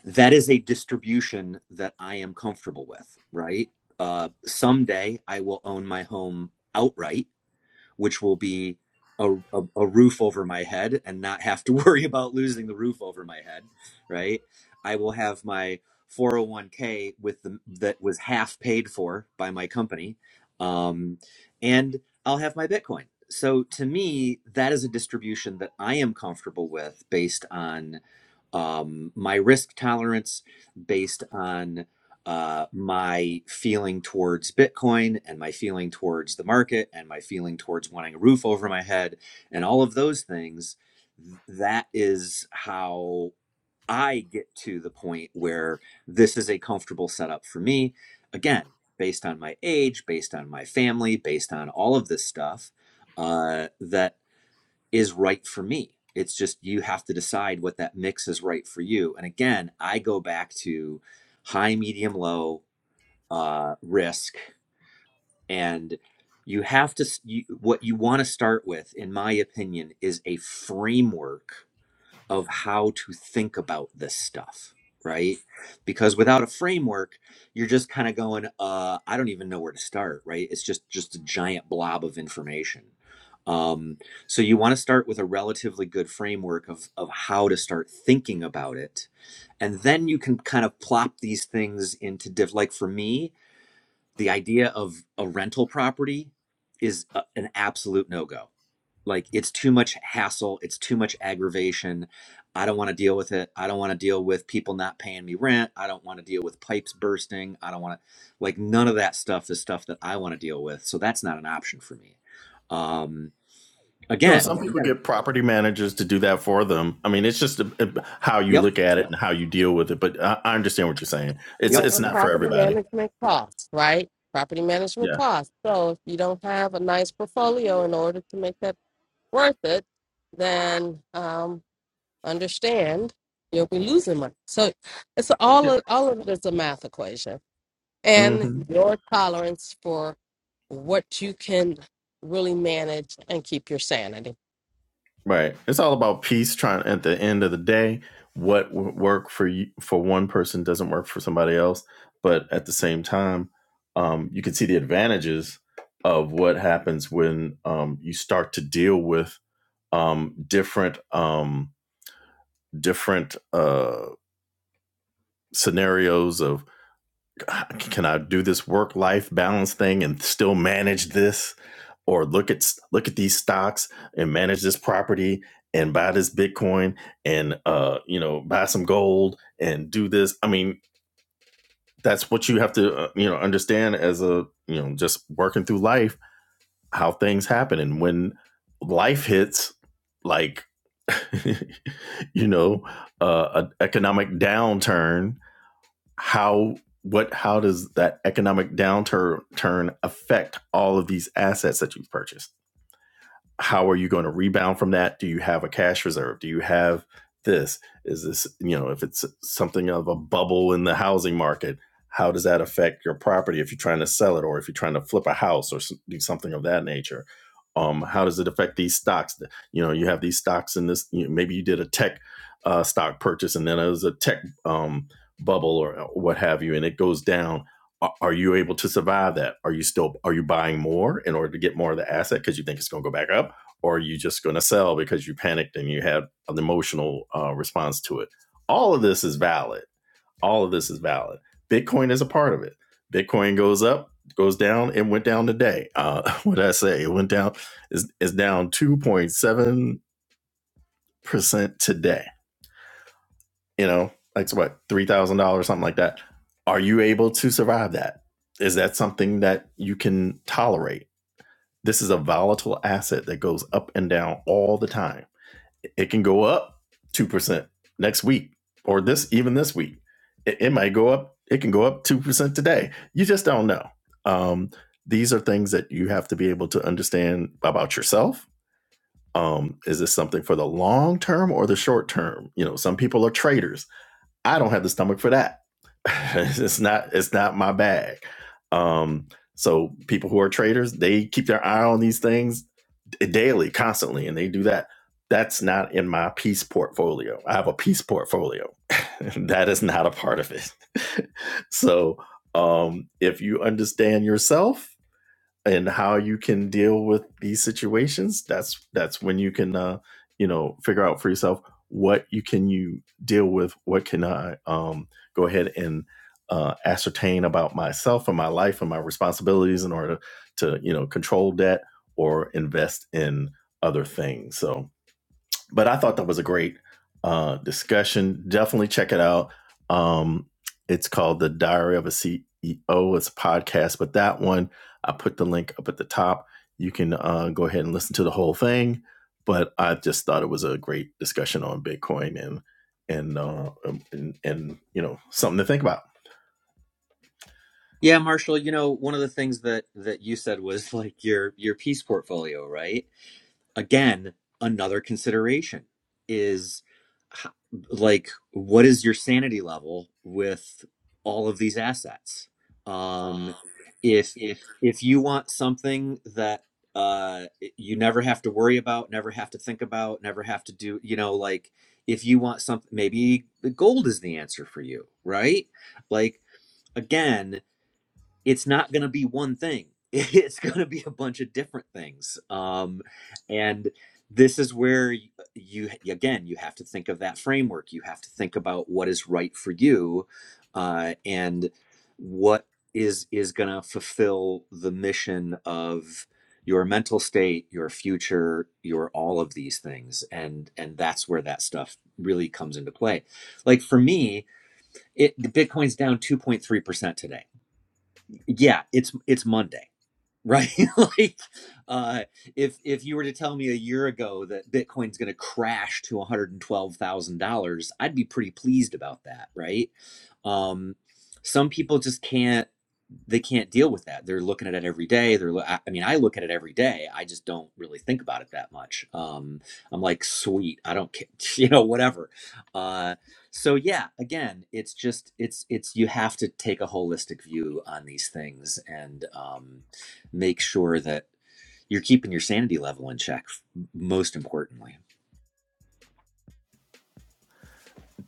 S3: that is a distribution that I am comfortable with, right? Uh, someday I will own my home outright which will be a, a, a roof over my head and not have to worry about losing the roof over my head, right? I will have my 401k with the that was half paid for by my company, um, and I'll have my Bitcoin. So to me, that is a distribution that I am comfortable with based on um, my risk tolerance, based on uh, my feeling towards Bitcoin and my feeling towards the market and my feeling towards wanting a roof over my head and all of those things, that is how I get to the point where this is a comfortable setup for me. Again, based on my age, based on my family, based on all of this stuff uh, that is right for me. It's just you have to decide what that mix is right for you. And again, I go back to high, medium, low uh, risk and you have to you, what you want to start with in my opinion is a framework of how to think about this stuff right because without a framework you're just kind of going uh i don't even know where to start right it's just just a giant blob of information um so you want to start with a relatively good framework of of how to start thinking about it and then you can kind of plop these things into diff like for me the idea of a rental property is a, an absolute no-go like it's too much hassle it's too much aggravation i don't want to deal with it i don't want to deal with people not paying me rent i don't want to deal with pipes bursting i don't want to like none of that stuff is stuff that i want to deal with so that's not an option for me um
S1: No,
S3: again
S1: some
S3: you
S1: people
S3: gotta
S1: get property managers to do that for them. I mean, it's just a, a- how you
S3: yep
S1: look at it and how you deal with it. But I, I understand what you're saying. It's
S2: yeah
S3: yep
S1: it's
S2: and
S1: not for
S2: property
S1: everybody.
S2: management costs right property management
S1: Yeah,
S2: costs so if you don't have a nice portfolio in order to make that worth it, then um, understand you'll be losing money. So it's all
S1: yeah,
S2: of, all of it is a math equation, and
S1: hmm
S2: your tolerance for what you can really manage and keep your sanity.
S1: right. It's all about peace. Trying at the end of the day, what w- work for you for one person doesn't work for somebody else. But at the same time, um, you can see the advantages of what happens when um, you start to deal with um, different um, different uh, scenarios of can I do this work life balance thing and still manage this? Or look at look at these stocks and manage this property and buy this Bitcoin and uh, you know buy some gold and do this. I mean, that's what you have to uh, you know understand as a you know just working through life how things happen and when life hits like you know uh, an economic downturn how what how does that economic downturn turn affect all of these assets that you've purchased? how are you going to rebound from that? Do you have a cash reserve? Do you have this? Is this, you know, if it's something of a bubble in the housing market, how does that affect your property if you're trying to sell it or if you're trying to flip a house or do something of that nature? Um, how does it affect these stocks? You know, you have these stocks in this, you know, maybe you did a tech uh, stock purchase and then it was a tech um, bubble or uh, what have you, and it goes down are you able to survive that? Are you still are you buying more in order to get more of the asset because you think it's going to go back up, or are you just going to sell because you panicked and you had an emotional uh, response to it? All of this is valid. All of this is valid. Bitcoin is a part of it. Bitcoin goes up, goes down, and went down today. Uh, what did I say? It went down. is is down two point seven percent today. You know, that's what three thousand dollars, something like that. Are you able to survive that? Is that something that you can tolerate? This is a volatile asset that goes up and down all the time it can go up 2% next week or this even this week it, it might go up it can go up 2% today you just don't know um, these are things that you have to be able to understand about yourself um, is this something for the long term or the short term you know some people are traders i don't have the stomach for that it's not it's not my bag um, so people who are traders they keep their eye on these things daily, constantly, and they do that. That's not in my peace portfolio. I have a peace portfolio. that is not a part of it. so um, if you understand yourself, and how you can deal with these situations that's that's when you can uh you know figure out for yourself what you can you deal with what can i um go ahead and uh ascertain about myself and my life and my responsibilities in order to you know control debt or invest in other things so but I thought that was a great uh, discussion. Definitely check it out. Um, it's called The Diary of a CEO. It's a podcast, but that one, I put the link up at the top. You can uh, go ahead and listen to the whole thing. But I just thought it was a great discussion on Bitcoin and and uh, um, and, and you know something to think about.
S3: yeah marshall you know one of the things that that you said was like your your piece portfolio right again another consideration is like what is your sanity level with all of these assets um if if you want something that uh you never have to worry about never have to think about never have to do you know like if you want something maybe the gold is the answer for you right like again it's not going to be one thing it's going to be a bunch of different things um, and this is where y- you again you have to think of that framework you have to think about what is right for you uh, and what is is going to fulfill the mission of your mental state your future your all of these things and and that's where that stuff really comes into play like for me it the bitcoin's down 2.3% today yeah it's it's monday right like uh if if you were to tell me a year ago that bitcoin's going to crash to $112000 i'd be pretty pleased about that right um some people just can't they can't deal with that. They're looking at it every day. They're, I mean, I look at it every day. I just don't really think about it that much. Um, I'm like, sweet, I don't care, you know, whatever. Uh, so yeah, again, it's just, it's, it's, you have to take a holistic view on these things and um, make sure that you're keeping your sanity level in check. Most importantly,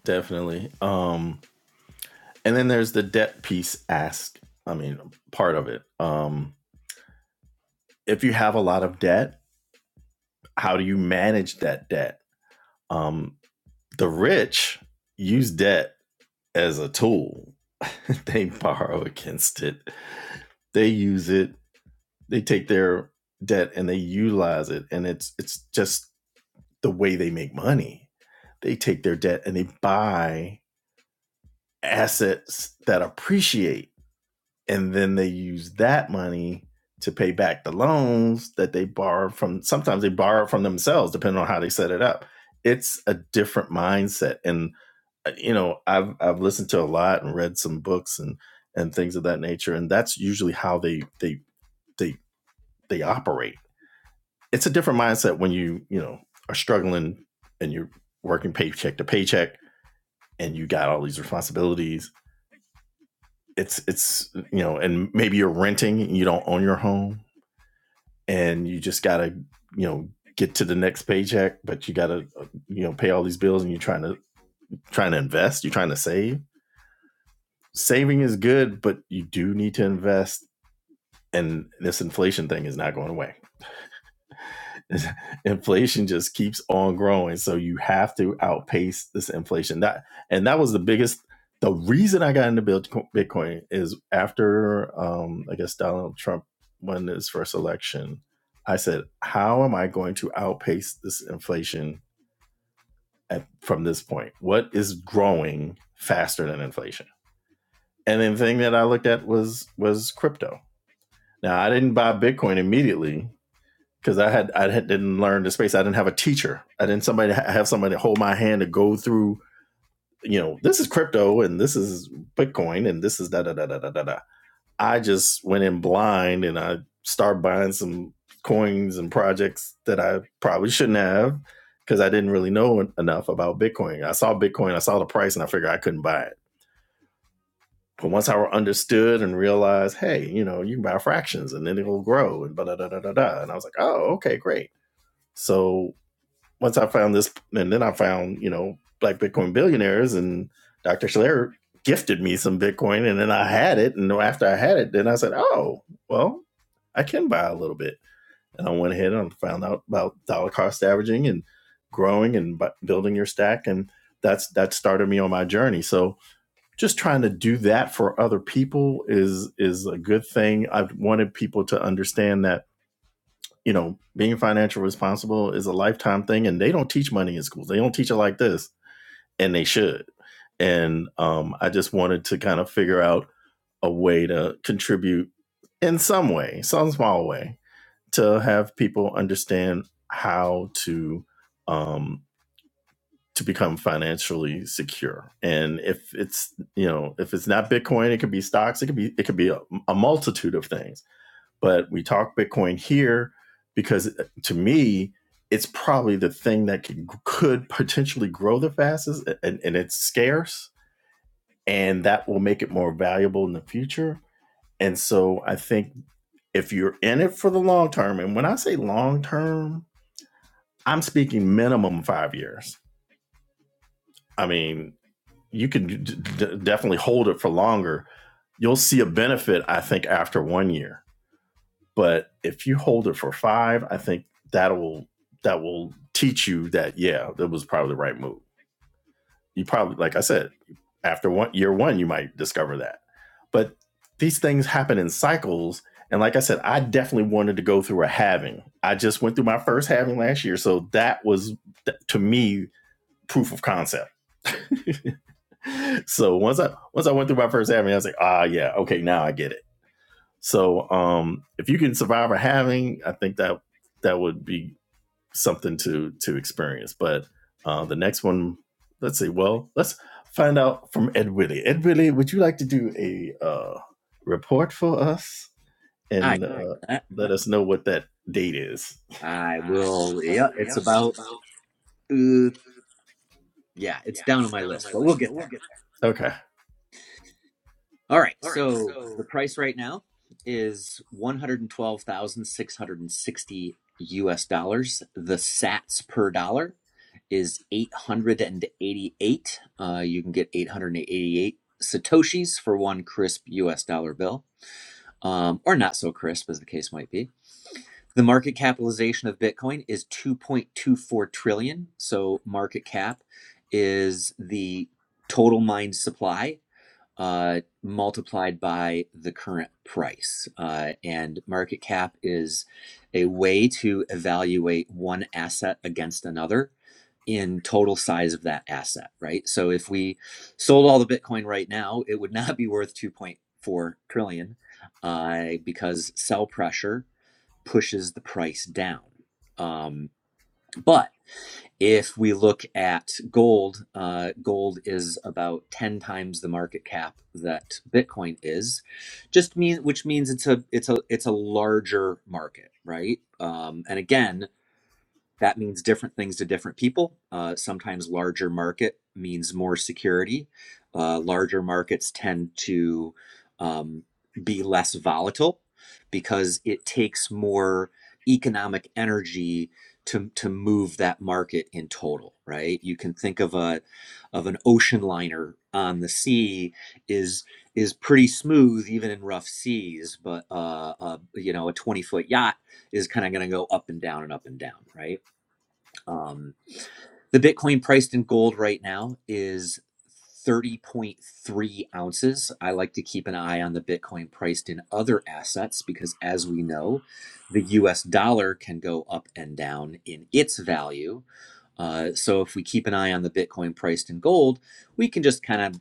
S1: Definitely. Um, and then there's the debt piece ask. I mean, part of it. Um, if you have a lot of debt, how do you manage that debt? Um, the rich use debt as a tool. they borrow against it. They use it. They take their debt and they utilize it. And it's it's just the way they make money. They take their debt and they buy assets that appreciate. And then they use that money to pay back the loans that they borrow from. Sometimes they borrow from themselves, depending on how they set it up. It's a different mindset. And, uh, you know, I've, I've listened to a lot and read some books and, and things of that nature. And that's usually how they, they, they, they operate. It's a different mindset when you, you know, are struggling and you're working paycheck to paycheck and you got all these responsibilities it's it's you know, and maybe you're renting, you don't own your home, and you just gotta you know get to the next paycheck, but you gotta uh, you know pay all these bills, and you're trying to trying to invest, you're trying to save. Saving is good, but you do need to invest, and this inflation thing is not going away. inflation just keeps on growing so you have to outpace this inflation that and that was the biggest the reason i got into bitcoin is after um i guess donald trump won his first election i said how am i going to outpace this inflation at, from this point what is growing faster than inflation and then the thing that i looked at was was crypto now i didn't buy bitcoin immediately because I had I had, didn't learn the space. I didn't have a teacher. I didn't somebody have somebody hold my hand to go through. You know, this is crypto and this is Bitcoin and this is da da da da da da da. I just went in blind and I started buying some coins and projects that I probably shouldn't have because I didn't really know enough about Bitcoin. I saw Bitcoin, I saw the price, and I figured I couldn't buy it. But once I understood and realized, hey, you know, you can buy fractions and then it'll grow and da da da da da, and I was like, oh, okay, great. So once I found this, and then I found you know Black Bitcoin Billionaires, and Dr. Schler gifted me some Bitcoin, and then I had it, and after I had it, then I said, oh well, I can buy a little bit, and I went ahead and found out about dollar cost averaging and growing and building your stack, and that's that started me on my journey. So just trying to do that for other people is is a good thing. I've wanted people to understand that you know, being financial responsible is a lifetime thing, and they don't teach money in schools. They don't teach it like this, and they should. And um, I just wanted to kind of figure out a way to contribute in some way, some small way, to have people understand how to um, to become financially secure. And if it's you know if it's not Bitcoin, it could be stocks, it could be it could be a, a multitude of things but we talk Bitcoin here because uh, to me, it's probably the thing that could, could potentially grow the fastest and, and it's scarce and that will make it more valuable in the future. And so I think if you're in it for the long term, and when I say long term, I'm speaking minimum five years. I mean, you can d- d- definitely hold it for longer. You'll see a benefit, I think, after one year. But if you hold it for five, I think that'll that will teach you that yeah, that was probably the right move. You probably, like I said, after one year one, you might discover that. But these things happen in cycles. And like I said, I definitely wanted to go through a halving. I just went through my first halving last year, so that was to me proof of concept. so once I once I went through my first halving, I was like, ah, yeah, okay, now I get it so um, if you can survive a halving, I think that that would be something to to experience. But uh, the next one, let's see. Well, let's find out from Ed Willie. Ed Willie, would you like to do a uh, report for us
S3: I,
S1: and right. uh, let us know what that date is?
S3: I will. Yeah, it's about, uh, yeah,
S1: Yeah.
S3: it's down on my list, but we'll get there.
S1: Okay.
S3: All right.
S1: All right.
S3: So
S1: So
S3: the price right now is 112,660 US dollars. The sats per dollar is 888. Uh, you can get 888 satoshis for one crisp US dollar bill, um, or not so crisp as the case might be. The market capitalization of Bitcoin is 2.24 trillion. So market cap is the total mined supply uh, multiplied by the current price. Uh, and market cap is a way to evaluate one asset against another in total size of that asset, right? So if we sold all the Bitcoin right now, it would not be worth 2.4 trillion uh, because sell pressure pushes the price down. Um, but if we look at gold, uh, gold is about 10 times the market cap that Bitcoin is, just mean which means it's a it's a it's a larger market, right? Um, and again, that means different things to different people. Uh, sometimes larger market means more security. Uh, larger markets tend to um, be less volatile because it takes more economic energy to, to move that market in total, right? You can think of a of an ocean liner on the sea is is pretty smooth even in rough seas, but uh, uh, you know a twenty foot yacht is kind of going to go up and down and up and down, right? Um, the Bitcoin priced in gold right now is 30.3 ounces. I like to keep an eye on the Bitcoin priced in other assets because, as we know, the US dollar can go up and down in its value. Uh, so if we keep an eye on the Bitcoin priced in gold, we can just kind of,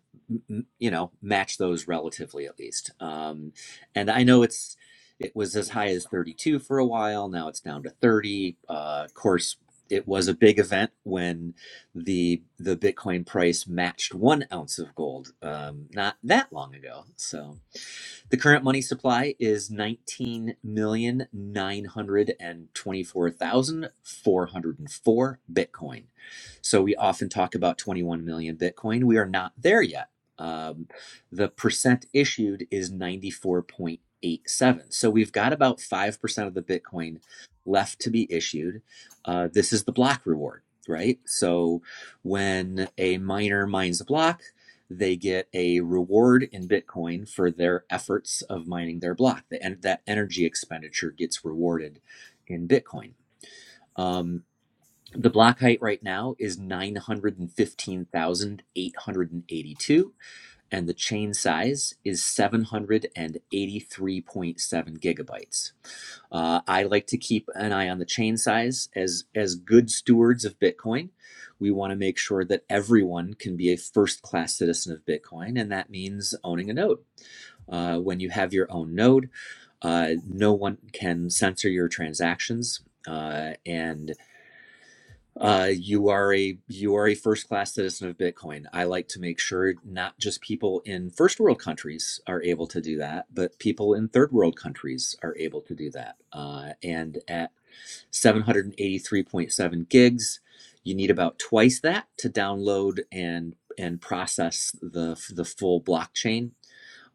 S3: you know, match those relatively at least. Um, and I know it's it was as high as 32 for a while. Now it's down to 30. Uh, of course, it was a big event when the the Bitcoin price matched one ounce of gold um, not that long ago. So the current money supply is 19,924,404 Bitcoin. So we often talk about 21 million Bitcoin. We are not there yet. Um, the percent issued is 94.87. So we've got about 5% of the Bitcoin left to be issued. Uh, this is the block reward, right? So when a miner mines a block, they get a reward in Bitcoin for their efforts of mining their block. The, en- that energy expenditure gets rewarded in Bitcoin. Um, the block height right now is 915,882, and the chain size is 783.7 gigabytes. Uh, I like to keep an eye on the chain size as as good stewards of Bitcoin. We want to make sure that everyone can be a first class citizen of Bitcoin, and that means owning a node. Uh, when you have your own node, uh, no one can censor your transactions, uh, and uh, you are a you are a first class citizen of Bitcoin. I like to make sure not just people in first world countries are able to do that, but people in third world countries are able to do that. Uh, and at 783.7 gigs, you need about twice that to download and and process the the full blockchain.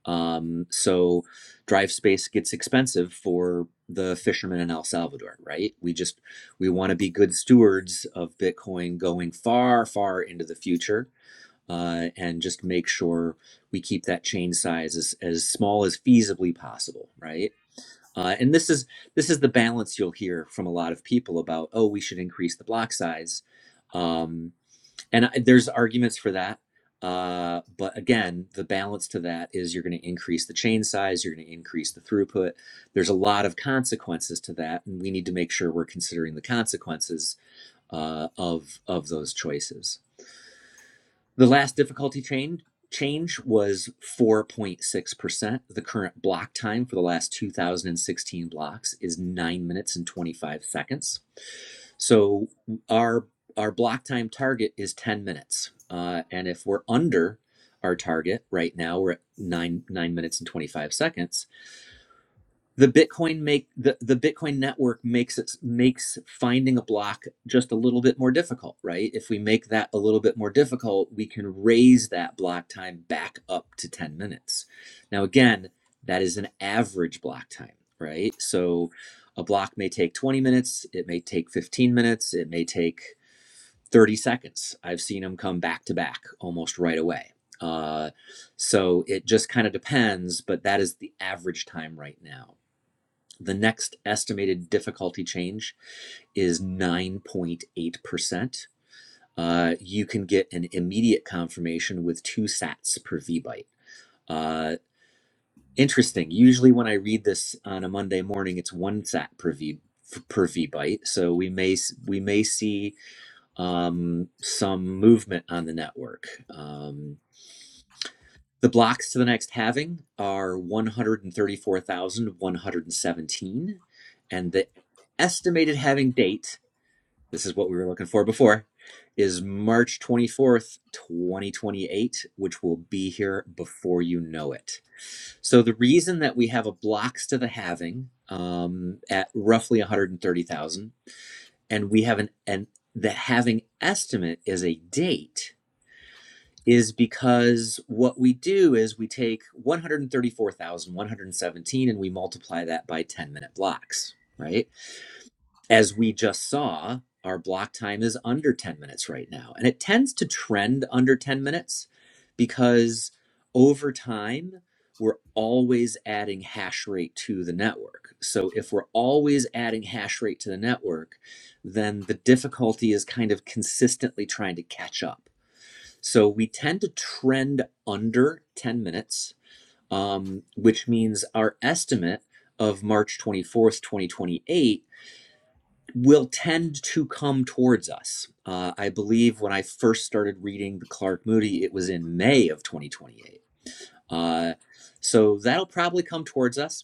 S3: Um, so drive space gets expensive for the fishermen in El Salvador, right? We just we want to be good stewards of Bitcoin going far, far into the future, uh, and just make sure we keep that chain size as, as small as feasibly possible, right? Uh, and this is this is the balance you'll hear from a lot of people about. Oh, we should increase the block size. Um, and I, there's arguments for that uh, but again the balance to that is you're going to increase the chain size you're going to increase the throughput there's a lot of consequences to that and we need to make sure we're considering the consequences uh, of of those choices the last difficulty change change was 4.6%. The current block time for the last 2016 blocks is 9 minutes and 25 seconds. So our our block time target is 10 minutes. Uh, and if we're under our target right now, we're at 9 9 minutes and 25 seconds the bitcoin make the, the bitcoin network makes it makes finding a block just a little bit more difficult right if we make that a little bit more difficult we can raise that block time back up to 10 minutes now again that is an average block time right so a block may take 20 minutes it may take 15 minutes it may take 30 seconds i've seen them come back to back almost right away uh, so it just kind of depends but that is the average time right now the next estimated difficulty change is 9.8%. Uh, you can get an immediate confirmation with two sats per vbyte. Uh, interesting. Usually, when I read this on a Monday morning, it's one sat per v per vbyte. So we may we may see um, some movement on the network. Um, The blocks to the next halving are 134,117. And the estimated halving date, this is what we were looking for before, is March 24th, 2028, which will be here before you know it. So the reason that we have a blocks to the halving um, at roughly 130,000, and we have an, and the halving estimate is a date is because what we do is we take 134,117 and we multiply that by 10 minute blocks, right? As we just saw, our block time is under 10 minutes right now. And it tends to trend under 10 minutes because over time, we're always adding hash rate to the network. So if we're always adding hash rate to the network, then the difficulty is kind of consistently trying to catch up so we tend to trend under 10 minutes, um, which means our estimate of March 24th, 2028 will tend to come towards us. Uh, I believe when I first started reading the Clark Moody, it was in May of 2028. Uh, so that'll probably come towards us.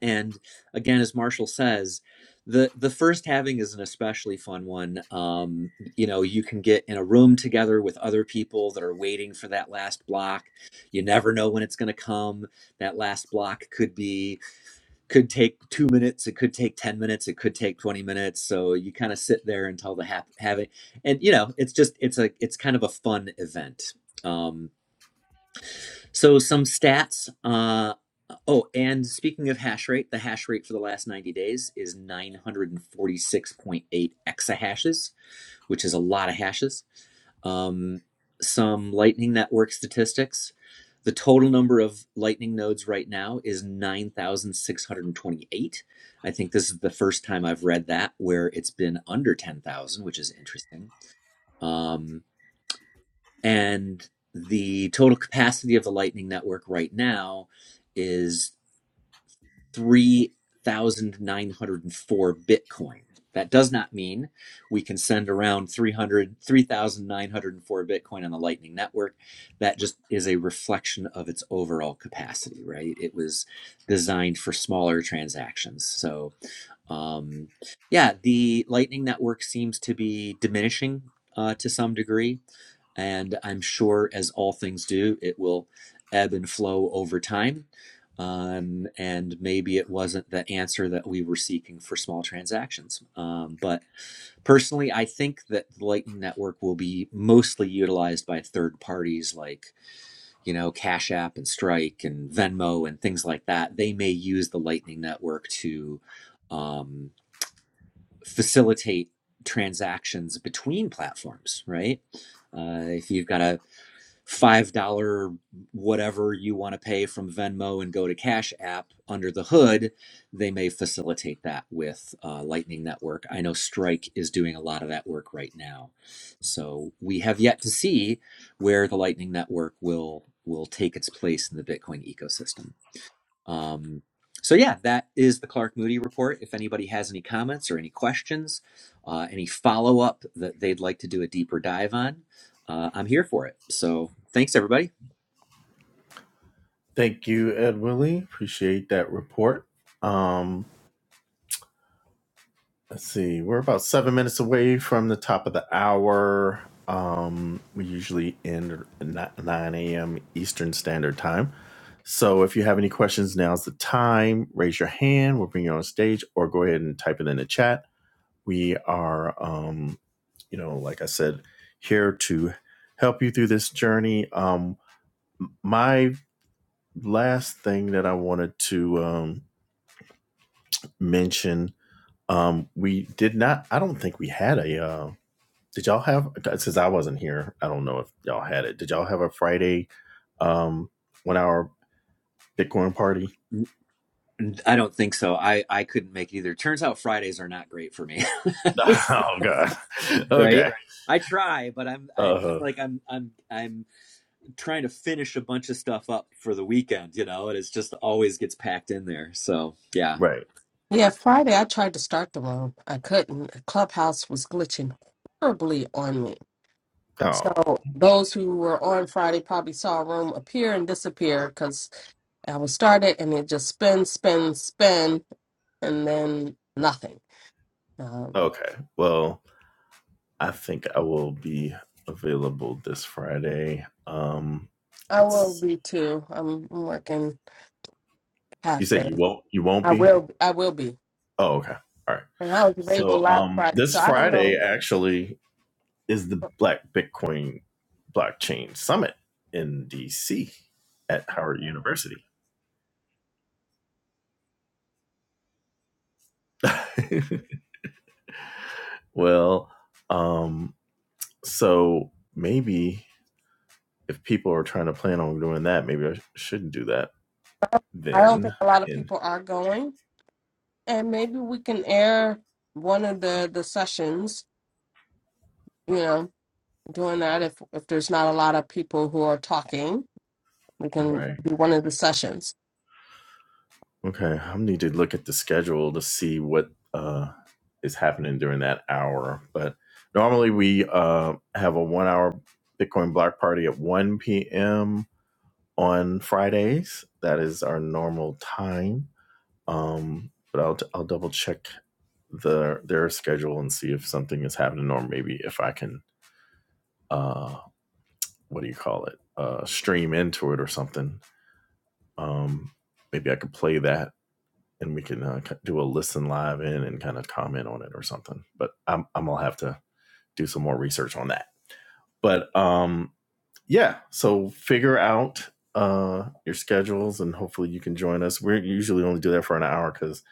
S3: And again, as Marshall says, the the first halving is an especially fun one. Um, you know, you can get in a room together with other people that are waiting for that last block. You never know when it's going to come. That last block could be could take two minutes. It could take ten minutes. It could take twenty minutes. So you kind of sit there until the half have and you know, it's just it's a it's kind of a fun event. Um, so some stats. Uh, oh, and speaking of hash rate, the hash rate for the last 90 days is 946.8 exahashes, which is a lot of hashes. Um, some Lightning Network statistics. The total number of Lightning nodes right now is 9,628. I think this is the first time I've read that where it's been under 10,000, which is interesting. Um, and the total capacity of the Lightning Network right now is 3,904 Bitcoin. That does not mean we can send around 300, 3,904 Bitcoin on the Lightning Network. That just is a reflection of its overall capacity, right? It was designed for smaller transactions. So um, yeah, the Lightning Network seems to be diminishing uh, to some degree, and I'm sure, as all things do, it will ebb and flow over time. Um, and maybe it wasn't the answer that we were seeking for small transactions. Um, but personally, I think that the Lightning Network will be mostly utilized by third parties like, you know, Cash App and Strike and Venmo and things like that. They may use the Lightning Network to. Um, facilitate transactions between platforms, right? Uh, if you've got a five dollar whatever you want to pay from Venmo and go to Cash App under the hood, they may facilitate that with uh, Lightning Network. I know Strike is doing a lot of that work right now, so we have yet to see where the Lightning Network will will take its place in the Bitcoin ecosystem. Um, so yeah, that is the Clark Moody report. If anybody has any comments or any questions, uh, any follow up that they'd like to do a deeper dive on, uh, I'm here for it. So thanks everybody.
S1: Thank you, Ed Willie. Appreciate that report. Um, Let's see. We're about seven minutes away from the top of the hour. Um, we usually end at 9 a.m. Eastern Standard Time. So if you have any questions, now's the time. Raise your hand. We'll bring you on stage or go ahead and type it in the chat. We are, um, you know, like I said, here to help you through this journey. Um, my last thing that I wanted to um, mention, um, we did not, I don't think we had a. uh, did y'all have since I wasn't here, I don't know if y'all had it. Did y'all have a Friday um one hour Bitcoin party?
S3: N- n- I don't think so. I I couldn't make it either. Turns out Fridays are not great for me,
S1: Oh god.
S3: right?
S1: Okay.
S3: I try, but I'm I it's
S1: Uh
S3: like I'm I'm I'm trying to finish a bunch of stuff up for the weekend, you know, and it's just always gets packed in there. So yeah.
S1: right.
S2: Yeah, Friday I tried to start the room. I couldn't. Clubhouse was glitching horribly on me.
S1: Oh.
S2: So those who were on Friday probably saw a room appear and disappear because I was started and it just spin, spin, spin, and then nothing. Um,
S1: Okay. Well, I think I will be available this Friday. Um
S2: I will
S1: let's
S2: be too. I'm, I'm working
S1: you
S2: half
S1: said
S2: day.
S1: you won't you won't
S2: I
S1: be?
S2: will. I will be.
S1: Oh, okay. All right.
S2: And I was available
S1: So
S2: last
S1: um
S2: Friday, so
S1: this
S2: I don't
S1: Friday
S2: know.
S1: actually is the Black Bitcoin Blockchain Summit in DC at Howard University. well, um, so maybe if people are trying to plan on doing that, maybe I shouldn't do that
S2: I don't think
S1: then.
S2: a lot of
S1: In
S2: people are going, and maybe we can air one of the the sessions. You know, doing that if if there's not a lot of people who are talking. We can
S1: right,
S2: do one of the sessions.
S1: okay, I need to look at the schedule to see what uh, is happening during that hour. But normally we uh, have a one-hour Bitcoin block party at one p.m on Fridays. That is our normal time. Um, but I'll I'll double check the their schedule and see if something is happening, or maybe if I can uh, what do you call it uh, stream into it or something. Um, maybe I could play that and we can uh, do a listen live in and kind of comment on it or something. But I'm I'm gonna have to do some more research on that. But um, yeah, so figure out uh, your schedules and hopefully you can join us. We usually only do that for an hour because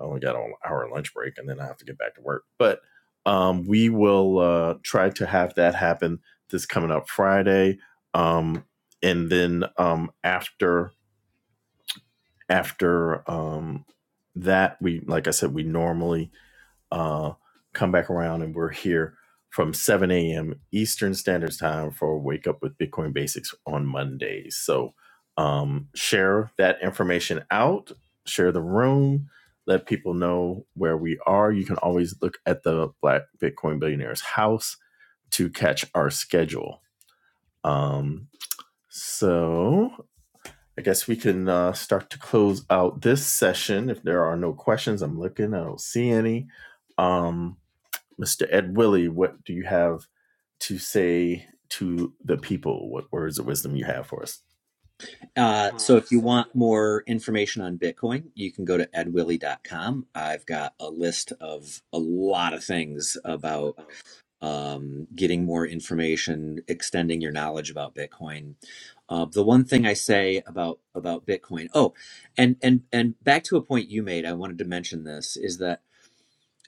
S1: I only got an hour lunch break and then I have to get back to work. But um, we will uh, try to have that happen this coming up Friday. Um, and then um, after after um, that, we like I said, we normally uh, come back around and we're here from 7 a.m. Eastern Standard Time for Wake Up with Bitcoin Basics on Mondays. So um, share that information out, share the room, let people know where we are. You can always look at the Black Bitcoin Billionaires house to catch our schedule. Um, so I guess we can uh, start to close out this session. If there are no questions, I'm looking, I don't see any. Um, Mr. Ed Willie, what do you have to say to the people? What words of wisdom you have for us?
S3: Uh, so if you want more information on Bitcoin, you can go to ed willie dot com. I've got a list of a lot of things about um, getting more information, extending your knowledge about Bitcoin. Uh, the one thing I say about about Bitcoin, oh, and and and back to a point you made, I wanted to mention this is that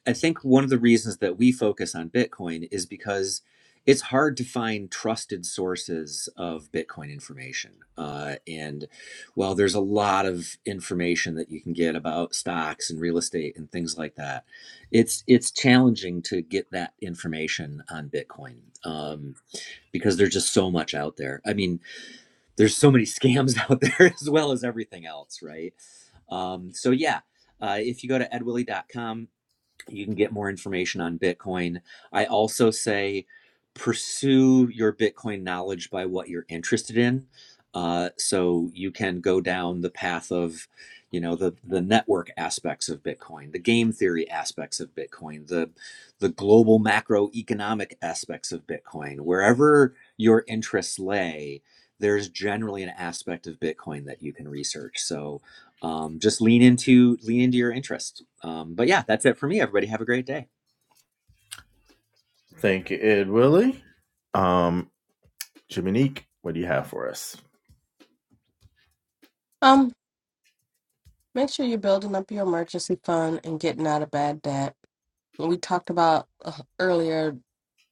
S3: I think one of the reasons that we focus on Bitcoin is because it's hard to find trusted sources of Bitcoin information. Uh, and while there's a lot of information that you can get about stocks and real estate and things like that, it's it's challenging to get that information on Bitcoin um, because there's just so much out there. I mean, there's so many scams out there as well as everything else, right? Um, so yeah, uh, if you go to edwillie.com you can get more information on Bitcoin. I also say pursue your Bitcoin knowledge by what you're interested in. Uh, so you can go down the path of, you know, the the network aspects of Bitcoin, the game theory aspects of Bitcoin, the the global macroeconomic aspects of Bitcoin. Wherever your interests lay, there's generally an aspect of Bitcoin that you can research. So um, just lean into lean into your interest. Um, but yeah, that's it for me. Everybody have a great day.
S1: Thank you, Ed Willie. Um, Jiminique, what do you have for us?
S2: Um, make sure you're building up your emergency fund and getting out of bad debt. And we talked about uh, earlier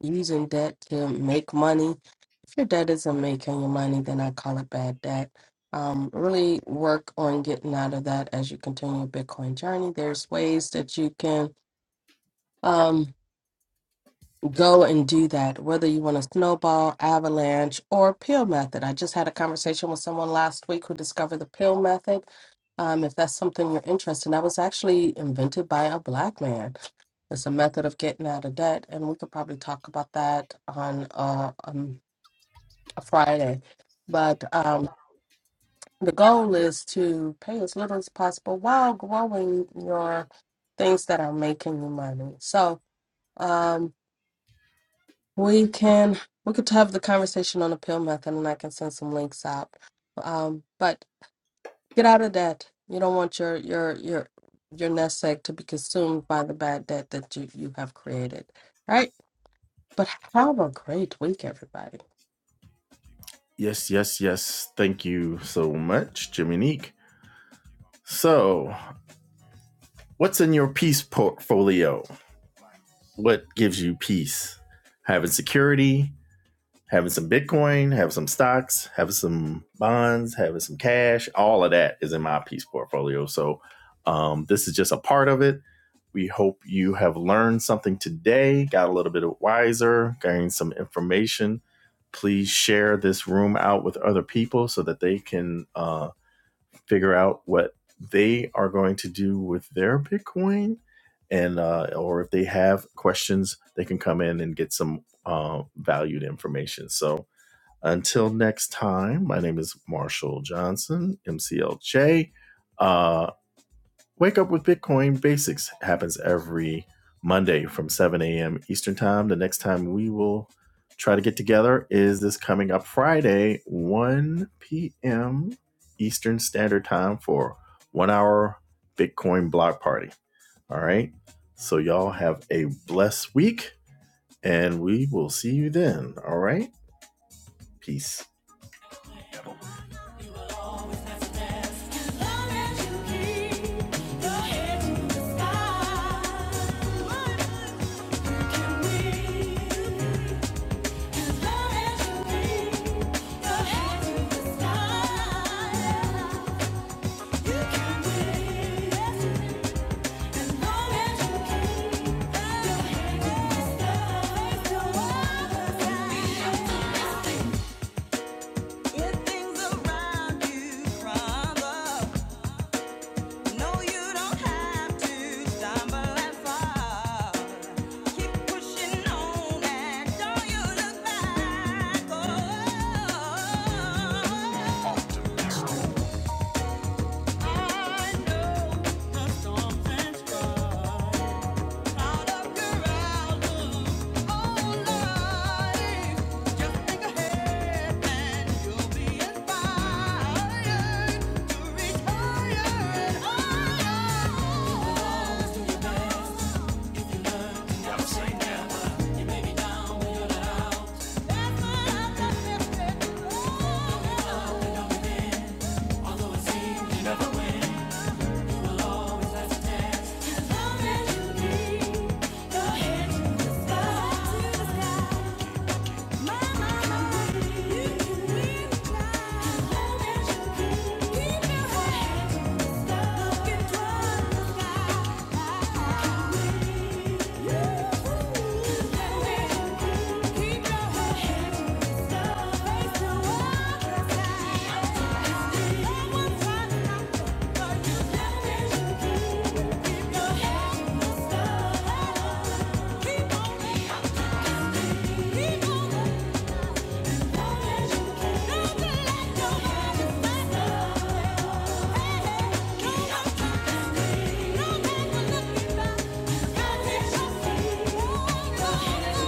S2: using debt to make money. If your debt isn't making you money, then I call it bad debt. Um, really work on getting out of that as you continue your Bitcoin journey. There's ways that you can. um. go and do that, whether you want a snowball, avalanche, or pill method. I just had a conversation with someone last week who discovered the pill method. Um, if that's something you're interested in, that was actually invented by a black man. It's a method of getting out of debt, and we could probably talk about that on uh, um, a Friday. But um, the goal is to pay as little as possible while growing your things that are making you money. So, um, We can we could have the conversation on the pill method, and I can send some links out. Um, but get out of debt. You don't want your your your your nest egg to be consumed by the bad debt that you you have created, right? But have a great week, everybody.
S1: Yes, yes, yes. Thank you so much, Jiminique. So, what's in your peace portfolio? What gives you peace? Having security, having some Bitcoin, having some stocks, having some bonds, having some cash. All of that is in my piece portfolio. So um, this is just a part of it. We hope you have learned something today, got a little bit wiser, gained some information. Please share this room out with other people so that they can uh, figure out what they are going to do with their Bitcoin. And, uh, or if they have questions, they can come in and get some uh, valued information. So, until next time, my name is Marshall Johnson, MCLJ. Uh, Wake Up with Bitcoin Basics happens every Monday from 7 a.m. Eastern Time. The next time we will try to get together is this coming up Friday, 1 p.m. Eastern Standard Time for one hour Bitcoin block party. All right. So, y'all have a blessed week, and we will see you then. All right. Peace. Keep pushing on and don't you look back. I know that something's right. Out of your outlook on life. Just think ahead and you'll be inspired to reach higher and higher. Do your best if you learn. Don't sky. Thank you